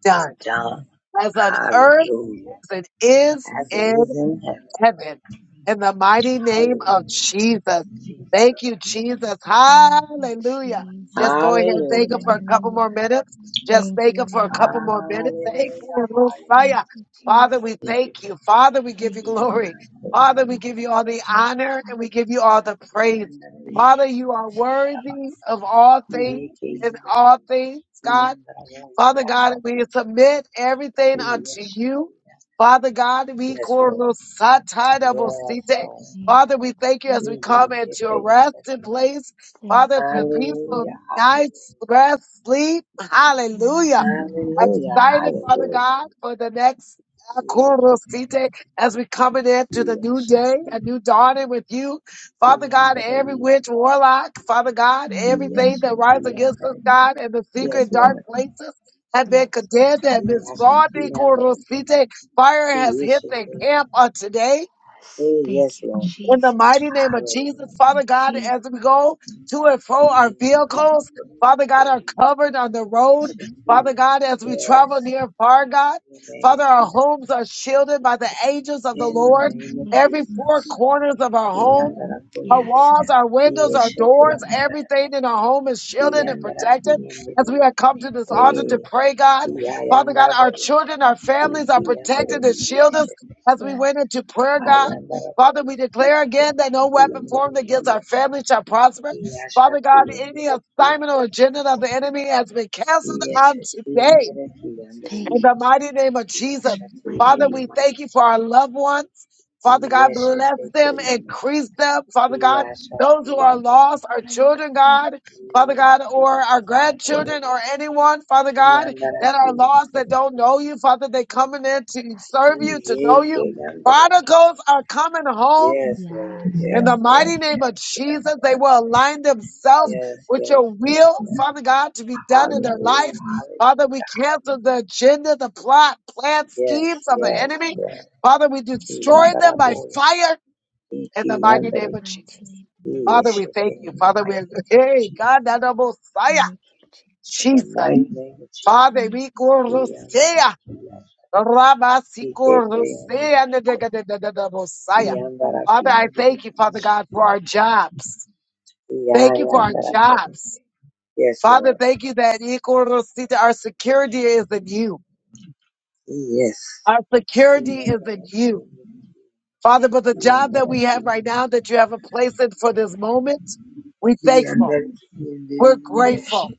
Speaker 1: done
Speaker 3: Done.
Speaker 1: as on earth
Speaker 3: Hallelujah.
Speaker 1: as it is
Speaker 3: As it
Speaker 1: in
Speaker 3: is in heaven.
Speaker 1: heaven. In the mighty name of
Speaker 3: Hallelujah.
Speaker 1: Jesus. Thank
Speaker 3: Jesus.
Speaker 1: you, Jesus.
Speaker 2: Thank you,
Speaker 1: Hallelujah. Just
Speaker 2: Jesus.
Speaker 1: go ahead and thank him
Speaker 3: Hallelujah.
Speaker 1: for a couple
Speaker 2: Hallelujah.
Speaker 1: more minutes. Just
Speaker 2: Thank
Speaker 1: thank
Speaker 2: you,
Speaker 1: him for a
Speaker 2: Lord.
Speaker 1: couple more minutes.
Speaker 3: Hallelujah.
Speaker 1: Thank you,
Speaker 3: Hallelujah.
Speaker 2: Thank
Speaker 1: Messiah.
Speaker 2: you,
Speaker 1: Father, we
Speaker 2: Jesus.
Speaker 3: Thank you.
Speaker 1: thank you. Father, we give you
Speaker 2: Thank you, Lord.
Speaker 3: Yanda,
Speaker 1: glory. Father, we
Speaker 2: Yes,
Speaker 3: koyende,
Speaker 1: give you all the
Speaker 2: right,
Speaker 3: yeshete,
Speaker 1: honor
Speaker 2: right.
Speaker 1: and we give you all the praise.
Speaker 3: yanda,
Speaker 1: Father,
Speaker 2: Thank
Speaker 3: yeshete,
Speaker 1: you are
Speaker 2: you,
Speaker 1: worthy
Speaker 3: rabaki,
Speaker 1: of all things
Speaker 3: yeke,
Speaker 1: and
Speaker 2: Jesus.
Speaker 1: all things,
Speaker 3: yanda,
Speaker 1: God.
Speaker 3: yanda,
Speaker 1: Father God,
Speaker 3: yashata,
Speaker 1: we submit everything
Speaker 2: Oh,
Speaker 1: unto you.
Speaker 3: yeshete.
Speaker 1: Father God, we
Speaker 3: Yes, Lord. Yes,
Speaker 1: korosatadabosite.
Speaker 3: Lord.
Speaker 2: thank
Speaker 1: Father, we thank you as
Speaker 2: you.
Speaker 1: we come into
Speaker 3: Yeke,
Speaker 1: your
Speaker 3: yanda,
Speaker 1: resting place.
Speaker 2: Thank
Speaker 1: Father, for peaceful
Speaker 3: Hallelujah. Hallelujah.
Speaker 1: nights, rest, sleep.
Speaker 2: you. Yes,
Speaker 1: Hallelujah
Speaker 2: Lord.
Speaker 3: Hallelujah.
Speaker 2: Yes.
Speaker 1: excited, Father
Speaker 3: Hallelujah.
Speaker 1: God, for the next uh, Kurosite as we coming into the new
Speaker 3: Yes,
Speaker 1: day,
Speaker 3: Shati.
Speaker 1: a new dawning with you. Father God,
Speaker 3: Yandere,
Speaker 1: every witch, warlock, Father God,
Speaker 2: Mm,
Speaker 3: yes,
Speaker 1: everything that
Speaker 3: Shati,
Speaker 1: rises against us,
Speaker 3: yandere.
Speaker 1: God, in the
Speaker 2: yes,
Speaker 3: Yes,
Speaker 1: secret dark
Speaker 3: Lord.
Speaker 1: places. Have
Speaker 2: yes,
Speaker 1: Abekadabra, and this
Speaker 3: Yes,
Speaker 1: God,
Speaker 3: Shati, yandere.
Speaker 1: Ekorosite, fire has
Speaker 3: Yes,
Speaker 1: hit the
Speaker 3: Shati.
Speaker 1: camp on today.
Speaker 2: yes.
Speaker 3: Hey,
Speaker 2: Thank
Speaker 3: Yes,
Speaker 2: you,
Speaker 3: Lord.
Speaker 1: In the
Speaker 2: Jesus.
Speaker 1: mighty name of Jesus,
Speaker 3: Hallelujah.
Speaker 1: Father God,
Speaker 2: Jesus.
Speaker 1: as we go to and fro our vehicles, Father God, are covered on the
Speaker 3: Yes,
Speaker 1: road. Father
Speaker 3: Shati.
Speaker 1: God, as we
Speaker 3: Yes.
Speaker 1: travel near and far, God, Father, our homes are shielded by the angels of the
Speaker 3: In the
Speaker 1: Lord.
Speaker 3: name of
Speaker 2: Yes,
Speaker 1: Every four
Speaker 3: Jesus.
Speaker 1: corners of our
Speaker 3: In the name of
Speaker 1: home,
Speaker 3: Jesus.
Speaker 1: our
Speaker 3: Yandere,
Speaker 2: yes,
Speaker 1: walls, our windows,
Speaker 3: Yes,
Speaker 1: our
Speaker 3: Shati,
Speaker 1: doors,
Speaker 3: yandere.
Speaker 1: everything in our home is shielded and
Speaker 3: Yandara
Speaker 1: protected.
Speaker 3: kiyendere.
Speaker 1: As we have come to this altar to
Speaker 3: Eh,
Speaker 1: pray, God,
Speaker 3: iya
Speaker 1: Father God,
Speaker 3: yandara
Speaker 1: our
Speaker 3: boy.
Speaker 1: children, our families are
Speaker 3: Iki yandere
Speaker 1: protected and shielded
Speaker 3: yeshe.
Speaker 1: as we
Speaker 2: yes.
Speaker 1: went into prayer, God.
Speaker 3: Ayandara
Speaker 1: Father,
Speaker 3: boy.
Speaker 1: we
Speaker 3: Iki
Speaker 1: declare
Speaker 3: yandere.
Speaker 1: again that no weapon
Speaker 3: Yendere
Speaker 1: formed against our
Speaker 3: yeshe.
Speaker 1: family shall prosper.
Speaker 3: Iyasha
Speaker 1: Father God, any
Speaker 3: kiyendere
Speaker 1: assignment or
Speaker 3: kiyandere.
Speaker 1: agenda of the enemy has been canceled on
Speaker 3: Yeshe
Speaker 1: today
Speaker 3: kiyendere kiyandere.
Speaker 2: Thank
Speaker 1: in the mighty name of
Speaker 2: you.
Speaker 1: Jesus.
Speaker 2: In
Speaker 3: Iyasha
Speaker 2: the mighty
Speaker 1: Father,
Speaker 2: name.
Speaker 3: kiyendere
Speaker 1: we
Speaker 3: maya.
Speaker 1: thank you for our loved ones. Father God,
Speaker 3: Yeshe
Speaker 1: bless them,
Speaker 3: kiyendere.
Speaker 1: increase them. Father God,
Speaker 3: Iyasha
Speaker 1: those who are
Speaker 3: kiyandere.
Speaker 1: lost, our
Speaker 2: of
Speaker 1: children,
Speaker 2: God.
Speaker 1: God, Father
Speaker 3: Yeshe
Speaker 1: God, or our grandchildren
Speaker 3: kiyendere.
Speaker 1: or anyone, Father God,
Speaker 3: Ayandara
Speaker 1: that are lost, that
Speaker 3: kiyandere.
Speaker 1: don't know you, Father, they coming in to serve you, to know you.
Speaker 3: Yeke yandere.
Speaker 1: Prodigals are coming home
Speaker 3: Yes, Lord.
Speaker 2: Yes,
Speaker 1: in
Speaker 3: Yes,
Speaker 2: Lord.
Speaker 1: the mighty
Speaker 3: yes,
Speaker 1: name
Speaker 3: yes,
Speaker 1: of
Speaker 3: yes,
Speaker 1: Jesus, they
Speaker 3: yes,
Speaker 1: will
Speaker 3: yes,
Speaker 1: align themselves
Speaker 3: yes,
Speaker 1: with
Speaker 3: yes,
Speaker 1: your
Speaker 3: yes.
Speaker 1: will,
Speaker 3: yes.
Speaker 1: Father God, to be done in their
Speaker 3: Hallelujah,
Speaker 1: life. Father,
Speaker 3: hallelujah.
Speaker 1: we cancel the agenda, the plot, plan,
Speaker 3: Yes,
Speaker 1: schemes of the
Speaker 2: Yes,
Speaker 3: yes,
Speaker 1: enemy.
Speaker 2: Lord.
Speaker 3: yes.
Speaker 1: Father, we destroy them by
Speaker 3: Yandaraboy.
Speaker 1: fire in the
Speaker 3: Iki
Speaker 2: In
Speaker 1: mighty
Speaker 2: the
Speaker 1: name
Speaker 3: yandere.
Speaker 1: of
Speaker 2: mighty
Speaker 1: Jesus.
Speaker 2: name. of Jesus.
Speaker 1: Father, we
Speaker 3: Yeshete
Speaker 1: thank you.
Speaker 3: in the
Speaker 1: Father, we
Speaker 3: mighty
Speaker 1: are
Speaker 3: name of
Speaker 1: hey
Speaker 3: Jesus.
Speaker 1: God, that Messiah,
Speaker 2: Thank you,
Speaker 3: In the
Speaker 1: Jesus.
Speaker 3: mighty name of Jesus.
Speaker 1: Father,
Speaker 2: Jesus.
Speaker 1: we corosea,
Speaker 3: Yandaraki yasa. Ikete yandere.
Speaker 1: Rabasikorosea, the Messiah.
Speaker 2: Thank you,
Speaker 1: Father,
Speaker 3: Yandaraki
Speaker 1: I
Speaker 2: Jesus.
Speaker 3: yandere.
Speaker 1: thank you, Father God, for
Speaker 3: Yeshete
Speaker 1: our
Speaker 3: yandere.
Speaker 1: jobs. Thank you for our
Speaker 3: Yayandaraboy.
Speaker 1: jobs.
Speaker 3: Yes,
Speaker 1: Father,
Speaker 3: Lord.
Speaker 1: thank you that Ikorosita, our security is in you.
Speaker 3: Yes.
Speaker 1: Our security is in
Speaker 3: Yandaraki
Speaker 1: you.
Speaker 3: yandere.
Speaker 1: Father, but the
Speaker 3: The
Speaker 1: job that we have right now that you have a place in for this moment, we're thankful.
Speaker 3: under
Speaker 1: We're
Speaker 2: Yes.
Speaker 3: Yes,
Speaker 1: grateful.
Speaker 3: it is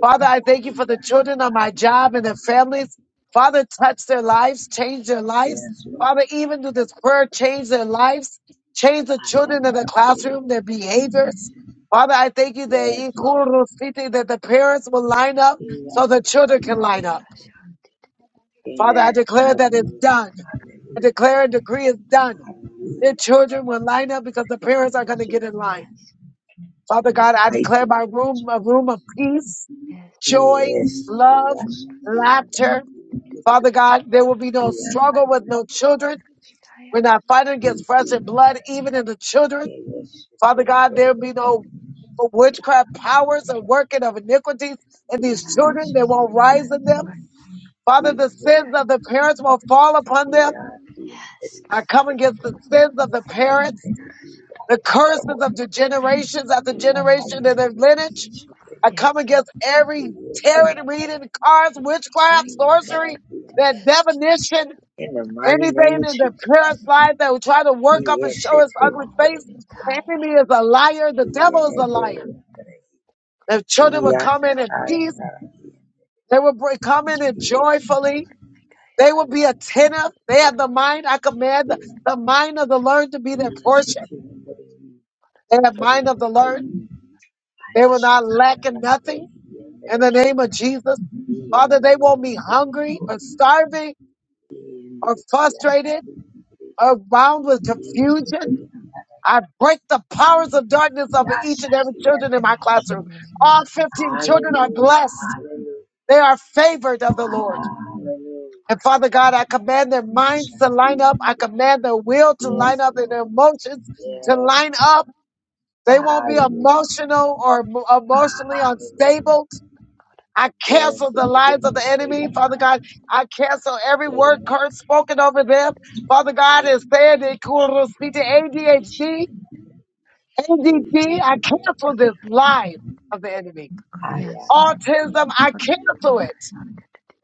Speaker 1: Father, I thank you for the
Speaker 3: yes,
Speaker 1: children on my job and their families. Father, touch their lives, change their lives.
Speaker 3: yes, Lord.
Speaker 1: Father, even through this prayer, change their lives, change the
Speaker 3: I am
Speaker 1: children in
Speaker 3: a
Speaker 1: the
Speaker 3: poet.
Speaker 1: classroom, their
Speaker 3: Yes,
Speaker 1: behaviors. Father, I thank you that in
Speaker 3: Lord.
Speaker 1: Kuru City, that the parents will line up so
Speaker 3: Yes,
Speaker 1: the
Speaker 3: Lord.
Speaker 1: children can line up.
Speaker 2: Kayara Shan.
Speaker 1: Father, I
Speaker 3: Amen.
Speaker 1: declare that it's
Speaker 3: Hallelujah.
Speaker 1: done. I
Speaker 3: Hallelujah.
Speaker 1: declare and decree is done. Their
Speaker 3: Hallelujah.
Speaker 1: children will line up because the parents are going to get in
Speaker 3: Jesus.
Speaker 1: line.
Speaker 2: Yes.
Speaker 3: In
Speaker 1: Father
Speaker 3: the
Speaker 1: God, I
Speaker 3: mighty
Speaker 1: declare my room a room of peace
Speaker 2: Yes.
Speaker 1: joy,
Speaker 3: Yes,
Speaker 1: love,
Speaker 3: yes, we are the
Speaker 1: laughter.
Speaker 3: we
Speaker 1: Father God, there will be
Speaker 3: are the
Speaker 1: no struggle with no children. We're
Speaker 2: Kayara.
Speaker 1: not fighting against
Speaker 3: yes,
Speaker 1: flesh and
Speaker 3: I
Speaker 1: blood,
Speaker 3: am.
Speaker 1: even in the children.
Speaker 3: Thank you.
Speaker 1: Father God, there will be no witchcraft powers and working of iniquities in these
Speaker 2: Yes.
Speaker 1: children. They won't rise
Speaker 2: Yes.
Speaker 1: in them.
Speaker 2: Lord.
Speaker 1: Father, the sins of the parents won't fall upon them.
Speaker 2: Yes.
Speaker 1: I come against the sins of the parents, the curses of the generations after
Speaker 2: Mm.
Speaker 1: generation in their lineage. I
Speaker 2: Yes.
Speaker 1: come against every tarot reading, cards, witchcraft,
Speaker 2: Kayara Shan.
Speaker 1: sorcery, that
Speaker 2: Yes, Jesus.
Speaker 1: divination,
Speaker 3: In the mighty
Speaker 1: anything
Speaker 3: name of
Speaker 1: in the
Speaker 3: Jesus.
Speaker 1: parents' life that will try to work up and
Speaker 3: Yes,
Speaker 1: show its ugly
Speaker 2: Glory
Speaker 1: face.
Speaker 2: be
Speaker 3: it
Speaker 1: The
Speaker 2: Kaya.
Speaker 1: enemy is a liar. The devil is a
Speaker 3: is.
Speaker 1: liar. The children will
Speaker 3: Yes,
Speaker 1: come in in
Speaker 3: I
Speaker 1: peace.
Speaker 3: am.
Speaker 1: They will br- come in in
Speaker 3: Hallelujah,
Speaker 1: joyfully. They will be attentive. They have the mind. I command the, the mind of the learned to be their portion. They have mind of the learned. They will not lack in nothing. in the name of Jesus. Father, they won't be hungry or starving or frustrated or bound with confusion. I break the powers of darkness over each and every children in my
Speaker 2: Yes, and
Speaker 1: classroom.
Speaker 2: right now,
Speaker 1: All
Speaker 2: Jesus.
Speaker 1: 15 children are blessed.
Speaker 3: hallelujah,
Speaker 1: They are favored of the Lord.
Speaker 3: hallelujah.
Speaker 1: And
Speaker 2: Glory.
Speaker 1: Father God, I command their minds to line up. I command their will to line
Speaker 3: Yes,
Speaker 1: up and their
Speaker 3: Lord.
Speaker 1: emotions
Speaker 2: Yeah.
Speaker 1: to
Speaker 3: Yes,
Speaker 1: line
Speaker 3: Lord.
Speaker 1: up. They
Speaker 2: Yes.
Speaker 1: won't be
Speaker 3: Hallelujah.
Speaker 1: emotional or emo- emotionally
Speaker 3: Hallelujah.
Speaker 1: unstable. I cancel
Speaker 3: Yes,
Speaker 1: the
Speaker 3: Lord, give
Speaker 1: lives of
Speaker 3: me a
Speaker 1: the enemy,
Speaker 3: stable
Speaker 1: Father
Speaker 3: mind.
Speaker 1: God. I cancel every
Speaker 3: Stable
Speaker 1: word curse
Speaker 3: mind.
Speaker 1: spoken over them. Father God is
Speaker 3: In
Speaker 1: saying they speak to
Speaker 3: Shikana,
Speaker 1: ADHD,
Speaker 3: Shikana,
Speaker 1: ADD. I
Speaker 3: Shikana,
Speaker 1: cancel this
Speaker 3: yes.
Speaker 1: lie of the enemy.
Speaker 3: I
Speaker 2: Yes,
Speaker 3: ask
Speaker 2: Lord.
Speaker 1: Autism,
Speaker 3: you,
Speaker 1: I
Speaker 2: Glory be
Speaker 1: cancel
Speaker 2: Kayara
Speaker 1: it
Speaker 2: Shan.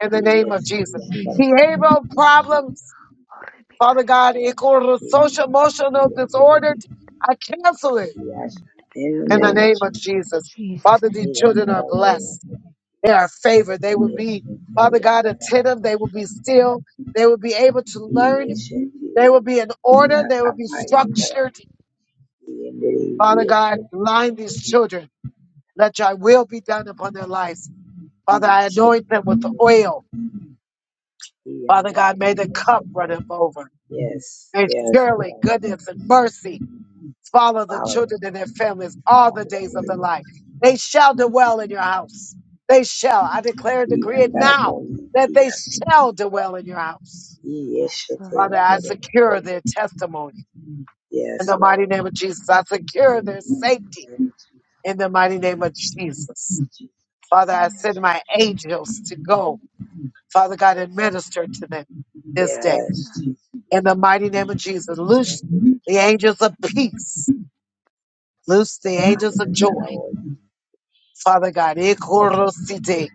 Speaker 1: in the name of
Speaker 3: yes, the
Speaker 1: Jesus.
Speaker 3: number
Speaker 2: Jesus,
Speaker 3: of
Speaker 2: I name.
Speaker 1: Behavioral
Speaker 3: Jesus.
Speaker 1: problems,
Speaker 2: Glory be
Speaker 1: Father God,
Speaker 3: Yes,
Speaker 1: equal
Speaker 3: the
Speaker 1: social
Speaker 3: number of
Speaker 1: emotional disorder.
Speaker 3: the
Speaker 1: I cancel it
Speaker 3: Yes, in the
Speaker 1: in the
Speaker 3: name of
Speaker 1: name of
Speaker 3: Jesus.
Speaker 1: Jesus.
Speaker 2: Jesus'
Speaker 1: Father, these
Speaker 2: name.
Speaker 3: He am
Speaker 1: children
Speaker 3: not
Speaker 1: are
Speaker 3: aware
Speaker 1: blessed.
Speaker 3: of it.
Speaker 1: They are favored. They will
Speaker 3: Yes,
Speaker 1: be,
Speaker 3: the
Speaker 1: Father God,
Speaker 3: number of
Speaker 1: attentive. They will be still. They will be able to learn.
Speaker 3: Jesus. Yes,
Speaker 1: They will be in
Speaker 3: the number
Speaker 1: order. They will be
Speaker 3: of Jesus.
Speaker 1: structured. Father God,
Speaker 3: Yeshe
Speaker 1: line these children. Let your will be done upon their lives. Father, I anoint them with the oil. Father God, may the
Speaker 3: Yeshe
Speaker 1: cup run them over.
Speaker 3: Yes,
Speaker 1: May
Speaker 3: yes,
Speaker 1: surely
Speaker 3: yes.
Speaker 1: goodness and mercy follow the
Speaker 3: Follow
Speaker 1: children
Speaker 3: them.
Speaker 1: and their families all
Speaker 3: Follow
Speaker 1: the
Speaker 3: them.
Speaker 1: days of their life. They shall dwell in your house. They shall. I declare and decree
Speaker 3: Yes,
Speaker 1: it now that they shall dwell in your house
Speaker 2: Yes, Lord.
Speaker 1: Father, I secure their testimony
Speaker 3: yes,
Speaker 1: in the mighty
Speaker 3: Lord.
Speaker 1: name of Jesus. I
Speaker 3: In
Speaker 1: secure
Speaker 3: the
Speaker 1: their
Speaker 3: mighty
Speaker 1: safety
Speaker 3: name of Jesus,
Speaker 1: in the mighty name of Jesus.
Speaker 3: Jesus.
Speaker 1: Father,
Speaker 2: Yes,
Speaker 1: I send my angels to go, Father God, and minister to them this day
Speaker 3: Yes, Jesus.
Speaker 1: in the mighty name of Jesus. Loose the angels of peace, loose the angels of joy, Father God. Ikorosite.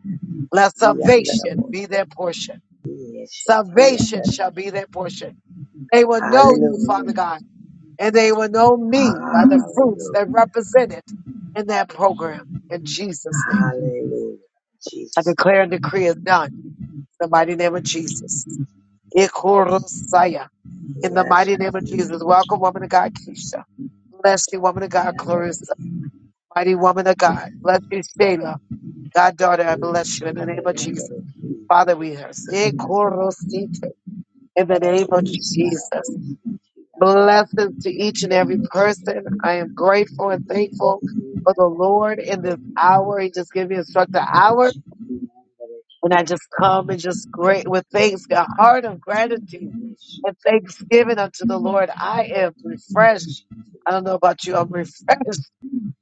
Speaker 1: Let salvation be their portion. Salvation
Speaker 3: Hallelujah.
Speaker 1: shall be their portion. They will know you, Father
Speaker 3: Hallelujah.
Speaker 1: God and they will know me by the fruits
Speaker 3: Hallelujah.
Speaker 1: that represented in that program. In Jesus' name,
Speaker 3: Hallelujah.
Speaker 1: I
Speaker 3: Jesus.
Speaker 1: declare and decree it done. In the mighty name of Jesus. Ikorosaya. In the mighty name of Jesus.
Speaker 3: Yashati.
Speaker 1: Welcome, woman of God, Keisha. Bless you, woman of God,
Speaker 3: Yandaraki.
Speaker 1: Clarissa. Mighty woman of God. Bless you, Shayla. God, daughter, I bless you in the
Speaker 3: Ishate
Speaker 1: name of Jesus.
Speaker 3: yandaraki.
Speaker 1: Father, we hear.
Speaker 3: Ayandaraki.
Speaker 1: Ikorosite. In the name
Speaker 3: Yandaraki.
Speaker 1: of Jesus.
Speaker 3: Yandaraki. Yandaraki. Yashati. Yandaraki.
Speaker 1: Blessings to each and every person. I am grateful and thankful for the Lord in this hour. He just gave me a struck the
Speaker 3: Yashati. Yandaraki.
Speaker 1: hour,
Speaker 3: Yashati.
Speaker 1: and I just come and just great with thanks, a heart of gratitude and thanksgiving unto the Lord. I am refreshed. I don't know about you. I'm refreshed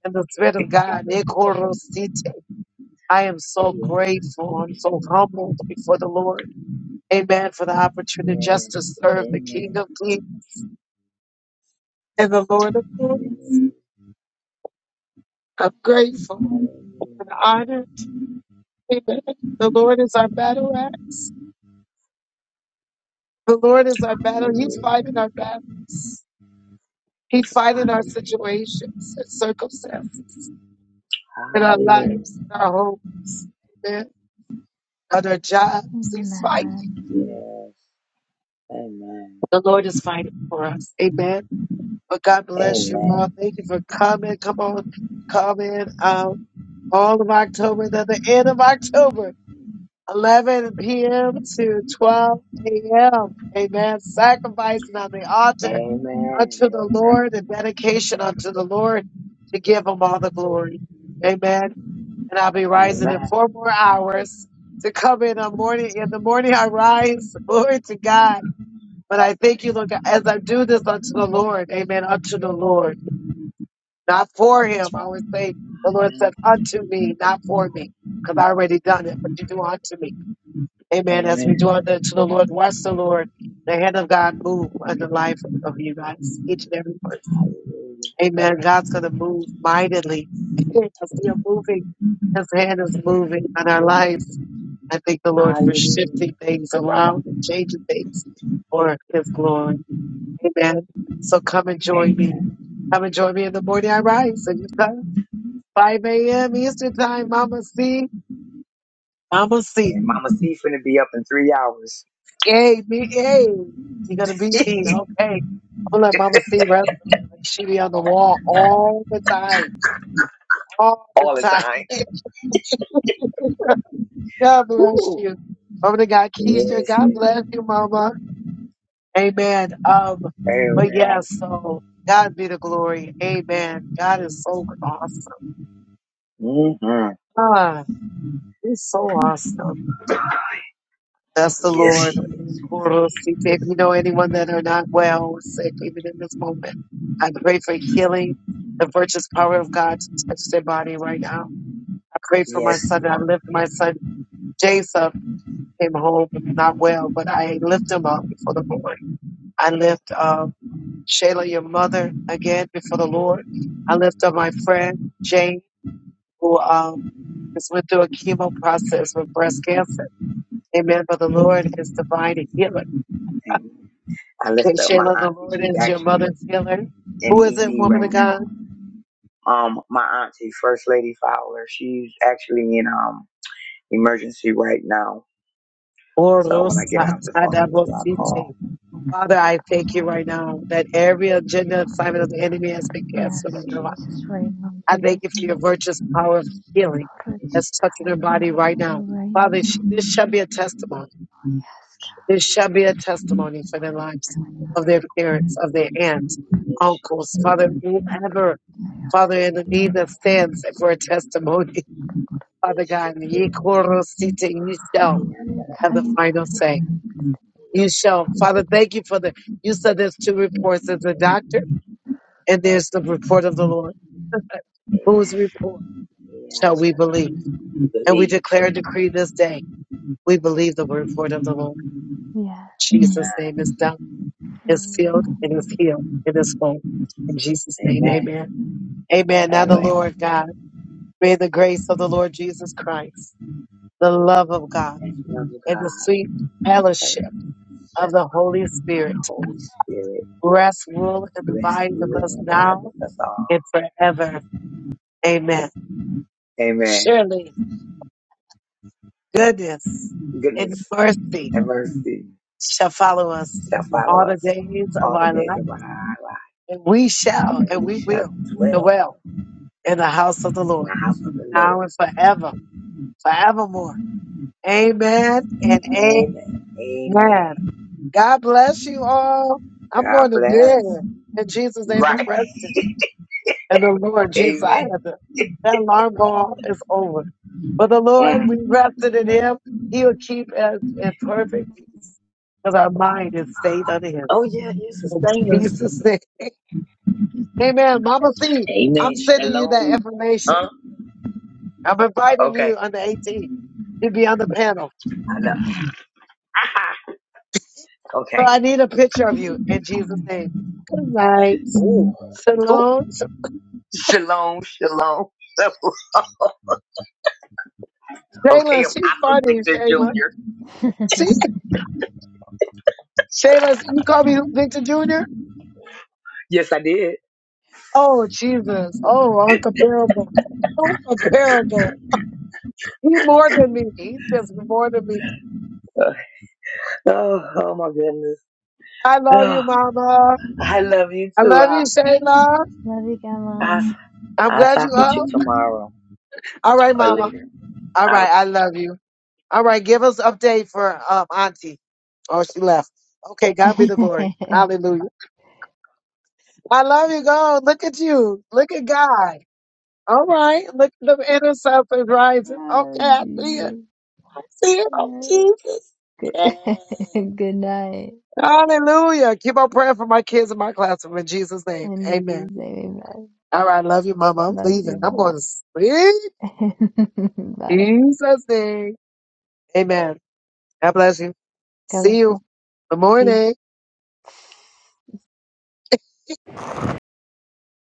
Speaker 1: in the Spirit of God. Ekorosite. I am so grateful. I'm so humbled before the Lord. Amen for the opportunity just to
Speaker 3: Yes.
Speaker 1: serve the King
Speaker 3: Amen.
Speaker 1: of Kings and the Lord of Lords.
Speaker 3: Hallelujah.
Speaker 1: I'm grateful.
Speaker 3: Hallelujah.
Speaker 1: and honor. Amen. The Lord is our battle axe. The Lord is our battle. He's fighting our battles. He's fighting our
Speaker 3: Hallelujah.
Speaker 1: situations and circumstances
Speaker 3: Hallelujah.
Speaker 1: in our lives, in our homes, amen, on our jobs. He's fighting.
Speaker 2: Amen.
Speaker 3: Yes. Amen.
Speaker 1: The Lord is fighting for us. Amen. But God bless you all.
Speaker 3: Amen.
Speaker 1: Thank you for coming. Come on, coming out all of October, then the end of October. 11 p.m. to 12 a.m. Amen. Sacrificing on the altar
Speaker 3: Amen.
Speaker 1: unto the
Speaker 3: Amen.
Speaker 1: Lord and dedication unto the Lord to give him all the glory. Amen. And I'll be
Speaker 3: Amen.
Speaker 1: rising in four more hours to come in on morning. In the morning I rise. Glory to God. But I thank you, look, as I do this unto the Lord. Amen. Unto the Lord. Not for him. I would say
Speaker 3: I
Speaker 1: the Lord
Speaker 3: am
Speaker 1: said
Speaker 3: going
Speaker 1: unto me, not for me. Because I already done it, but you do unto me. Amen. As we
Speaker 3: Amen.
Speaker 1: draw near to the Lord, watch the Lord, the hand of God move on the life of you guys, each and every person.
Speaker 3: Hallelujah.
Speaker 1: Amen. God's going to move mightily. As we are moving, His hand is moving on our lives. I thank the Lord for
Speaker 3: Hallelujah.
Speaker 1: shifting things around and changing things for His glory. Amen. So come and join me.
Speaker 3: Amen.
Speaker 1: Come and join me in the morning I rise. And you come 5 a.m. Eastern Time, Mama C. Mama C.
Speaker 3: And Mama C finna be up in three hours
Speaker 1: Yay, me, yay. You're gonna beat me. Okay. I'm gonna let Mama C wrestle. She be on the wall all the time. All the
Speaker 3: all the
Speaker 1: time.
Speaker 3: time.
Speaker 1: God bless
Speaker 3: Woo.
Speaker 1: you. Over to God Keisha.
Speaker 3: Yes.
Speaker 1: God
Speaker 3: yes.
Speaker 1: bless you, Mama. Amen. Um, but yeah,
Speaker 3: Amen.
Speaker 1: so God be the glory. Amen. God is so awesome.
Speaker 3: Mm-hmm.
Speaker 1: Ah, he's so awesome. That's the
Speaker 3: Yes,
Speaker 1: Lord.
Speaker 3: he
Speaker 1: If you know anyone that are not well or sick, even in this moment, I pray for healing, the virtuous power of God to touch their body right now. I pray for my
Speaker 3: Yes.
Speaker 1: son. I lift my son, Jason, came home not well, but I lift him up before the Lord. I lift um, Shayla, your mother, again before the Lord. I lift up my friend, Jane, who um, just went through a chemo process with breast cancer. Amen. But the Lord
Speaker 3: Mhm.
Speaker 1: is divine and healer.
Speaker 3: Amen. I lift
Speaker 1: And
Speaker 3: up my
Speaker 1: Shayla, the
Speaker 3: auntie.
Speaker 1: Lord
Speaker 3: She's
Speaker 1: is your
Speaker 3: actually
Speaker 1: mother's healer.
Speaker 3: in
Speaker 1: Who is it,
Speaker 3: ED
Speaker 1: woman of
Speaker 3: right
Speaker 2: Amen.
Speaker 1: God?
Speaker 3: now. Um, my auntie, First Lady Fowler, she's actually in um emergency right now. So when I get off the phone with you, I'll
Speaker 1: Orosatadabosite.
Speaker 3: call.
Speaker 1: Father, I thank you right now that every agenda assignment of the enemy has been canceled
Speaker 2: Yes,
Speaker 1: in her life.
Speaker 2: Jesus, right now, in
Speaker 1: I thank
Speaker 2: Jesus'
Speaker 1: you for your
Speaker 2: name.
Speaker 1: virtuous power of healing
Speaker 2: Right
Speaker 1: that's touching her
Speaker 2: now.
Speaker 1: body right now. Father, sh- this shall be a testimony.
Speaker 2: Yes, God.
Speaker 1: This shall be a testimony for the lives of their parents, of their aunts, uncles, Father, whoever, Father, in the need that stands for a testimony. Father God, and ye korosite, you shall have the final say. You shall. Father, thank you for the, you said there's two reports. There's the doctor and there's the report of the Lord. Whose
Speaker 3: Amen.
Speaker 1: report shall
Speaker 3: Yes,
Speaker 1: we believe? And we
Speaker 3: believe.
Speaker 1: declare and decree this day, we believe the report of the Lord.
Speaker 2: Yes.
Speaker 1: In Jesus'
Speaker 3: Uh,
Speaker 1: name is done, is sealed,
Speaker 2: Amen.
Speaker 1: and is healed, and is whole. In Jesus' name,
Speaker 3: amen.
Speaker 1: amen. Amen. Now the
Speaker 3: Anyway,
Speaker 1: Lord God, may the grace of the Lord Jesus Christ, the love of God,
Speaker 3: thank you, love of God.
Speaker 1: and the
Speaker 3: I
Speaker 1: sweet
Speaker 3: thank
Speaker 1: fellowship
Speaker 3: you
Speaker 1: of the Holy Spirit.
Speaker 3: the Holy Spirit.
Speaker 1: Rest, rule, and
Speaker 3: Bless
Speaker 1: abide with
Speaker 3: you
Speaker 1: us
Speaker 3: and abide
Speaker 1: now
Speaker 3: with us all.
Speaker 1: and forever. Amen.
Speaker 3: Amen.
Speaker 1: Surely goodness and
Speaker 3: goodness
Speaker 1: mercy
Speaker 3: and mercy
Speaker 1: shall follow us
Speaker 3: shall follow
Speaker 1: all the
Speaker 3: us
Speaker 1: days of
Speaker 3: all the
Speaker 1: our
Speaker 3: days
Speaker 1: life,
Speaker 3: of our life,
Speaker 1: and we shall
Speaker 3: and
Speaker 1: and
Speaker 3: we
Speaker 1: we
Speaker 3: shall
Speaker 1: will
Speaker 3: dwell
Speaker 1: dwell in the house of the
Speaker 3: in
Speaker 1: Lord
Speaker 3: the house of the
Speaker 1: now
Speaker 3: Lord.
Speaker 1: and forever, forevermore. Amen and
Speaker 3: Amen and
Speaker 1: amen.
Speaker 3: amen.
Speaker 1: God bless you all. I'm
Speaker 3: God
Speaker 1: going to bed.
Speaker 3: bless.
Speaker 1: In Jesus' name, I'm
Speaker 3: Right.
Speaker 1: resting. And the Lord Jesus, I
Speaker 3: Amen.
Speaker 1: had to, that alarm go off, it's over. But the Lord, we
Speaker 3: Mm.
Speaker 1: rested in Him. He'll keep us in perfect peace because our mind is stayed on Him.
Speaker 3: Oh, yeah, you
Speaker 1: In
Speaker 3: sustain us.
Speaker 1: Jesus' name. Amen. Mama C, I'm
Speaker 3: Amen.
Speaker 1: sending you that
Speaker 3: Shalom.
Speaker 1: information.
Speaker 3: Huh?
Speaker 1: I'm inviting you
Speaker 3: Okay.
Speaker 1: on the 18th to be on the panel.
Speaker 3: I know.
Speaker 1: So
Speaker 3: Okay.
Speaker 1: I need a picture of you in Jesus' name. Good night.
Speaker 3: Ooh. Ooh.
Speaker 1: Shalom.
Speaker 3: Shalom. Shalom. Okay,
Speaker 1: Shayla, she's
Speaker 3: Apostle
Speaker 1: funny,
Speaker 3: Victor
Speaker 1: Shayla.
Speaker 3: Jr.
Speaker 1: She, Shayla, you call me Victor Jr.?
Speaker 3: Yes, I did.
Speaker 1: Oh, Jesus. Oh, uncomparable. Uncomparable. He more than me. He just more than me.
Speaker 3: Uh, Oh, oh my goodness.
Speaker 1: I love you,
Speaker 3: Oh,
Speaker 1: Mama.
Speaker 3: I love you
Speaker 1: I
Speaker 3: too.
Speaker 1: love you,
Speaker 3: I'll,
Speaker 1: Shayla.
Speaker 2: Love you, God, Mom.
Speaker 3: I'll,
Speaker 1: I'm
Speaker 3: I'll
Speaker 1: glad
Speaker 3: talk
Speaker 1: you
Speaker 3: with
Speaker 1: up.
Speaker 3: you tomorrow
Speaker 1: All right,
Speaker 3: or
Speaker 1: Mama.
Speaker 3: later.
Speaker 1: All
Speaker 3: All right.
Speaker 1: right, I love you. All right, give us update for um Auntie. Oh, she left. Okay, God be the glory. Hallelujah. I love you, God. Look at you. Look at God. All right. Look at the intercessors rising. Okay,
Speaker 2: oh,
Speaker 1: I see it.
Speaker 2: Jesus.
Speaker 1: I see it. Oh, Jesus.
Speaker 2: Good,
Speaker 1: Yeah.
Speaker 2: good night.
Speaker 1: Hallelujah. Keep on praying for my kids in my classroom in Jesus' name.
Speaker 2: And
Speaker 1: Amen.
Speaker 2: Jesus, name, amen.
Speaker 1: All right. Love you, Mama. I'm
Speaker 2: Love you.
Speaker 1: leaving. I'm going to sleep.
Speaker 2: Bye. Bye.
Speaker 1: Jesus' name. Amen. God bless you.
Speaker 2: God
Speaker 1: See
Speaker 2: bless
Speaker 1: you.
Speaker 2: you.
Speaker 1: Good
Speaker 2: See
Speaker 1: morning.
Speaker 2: you.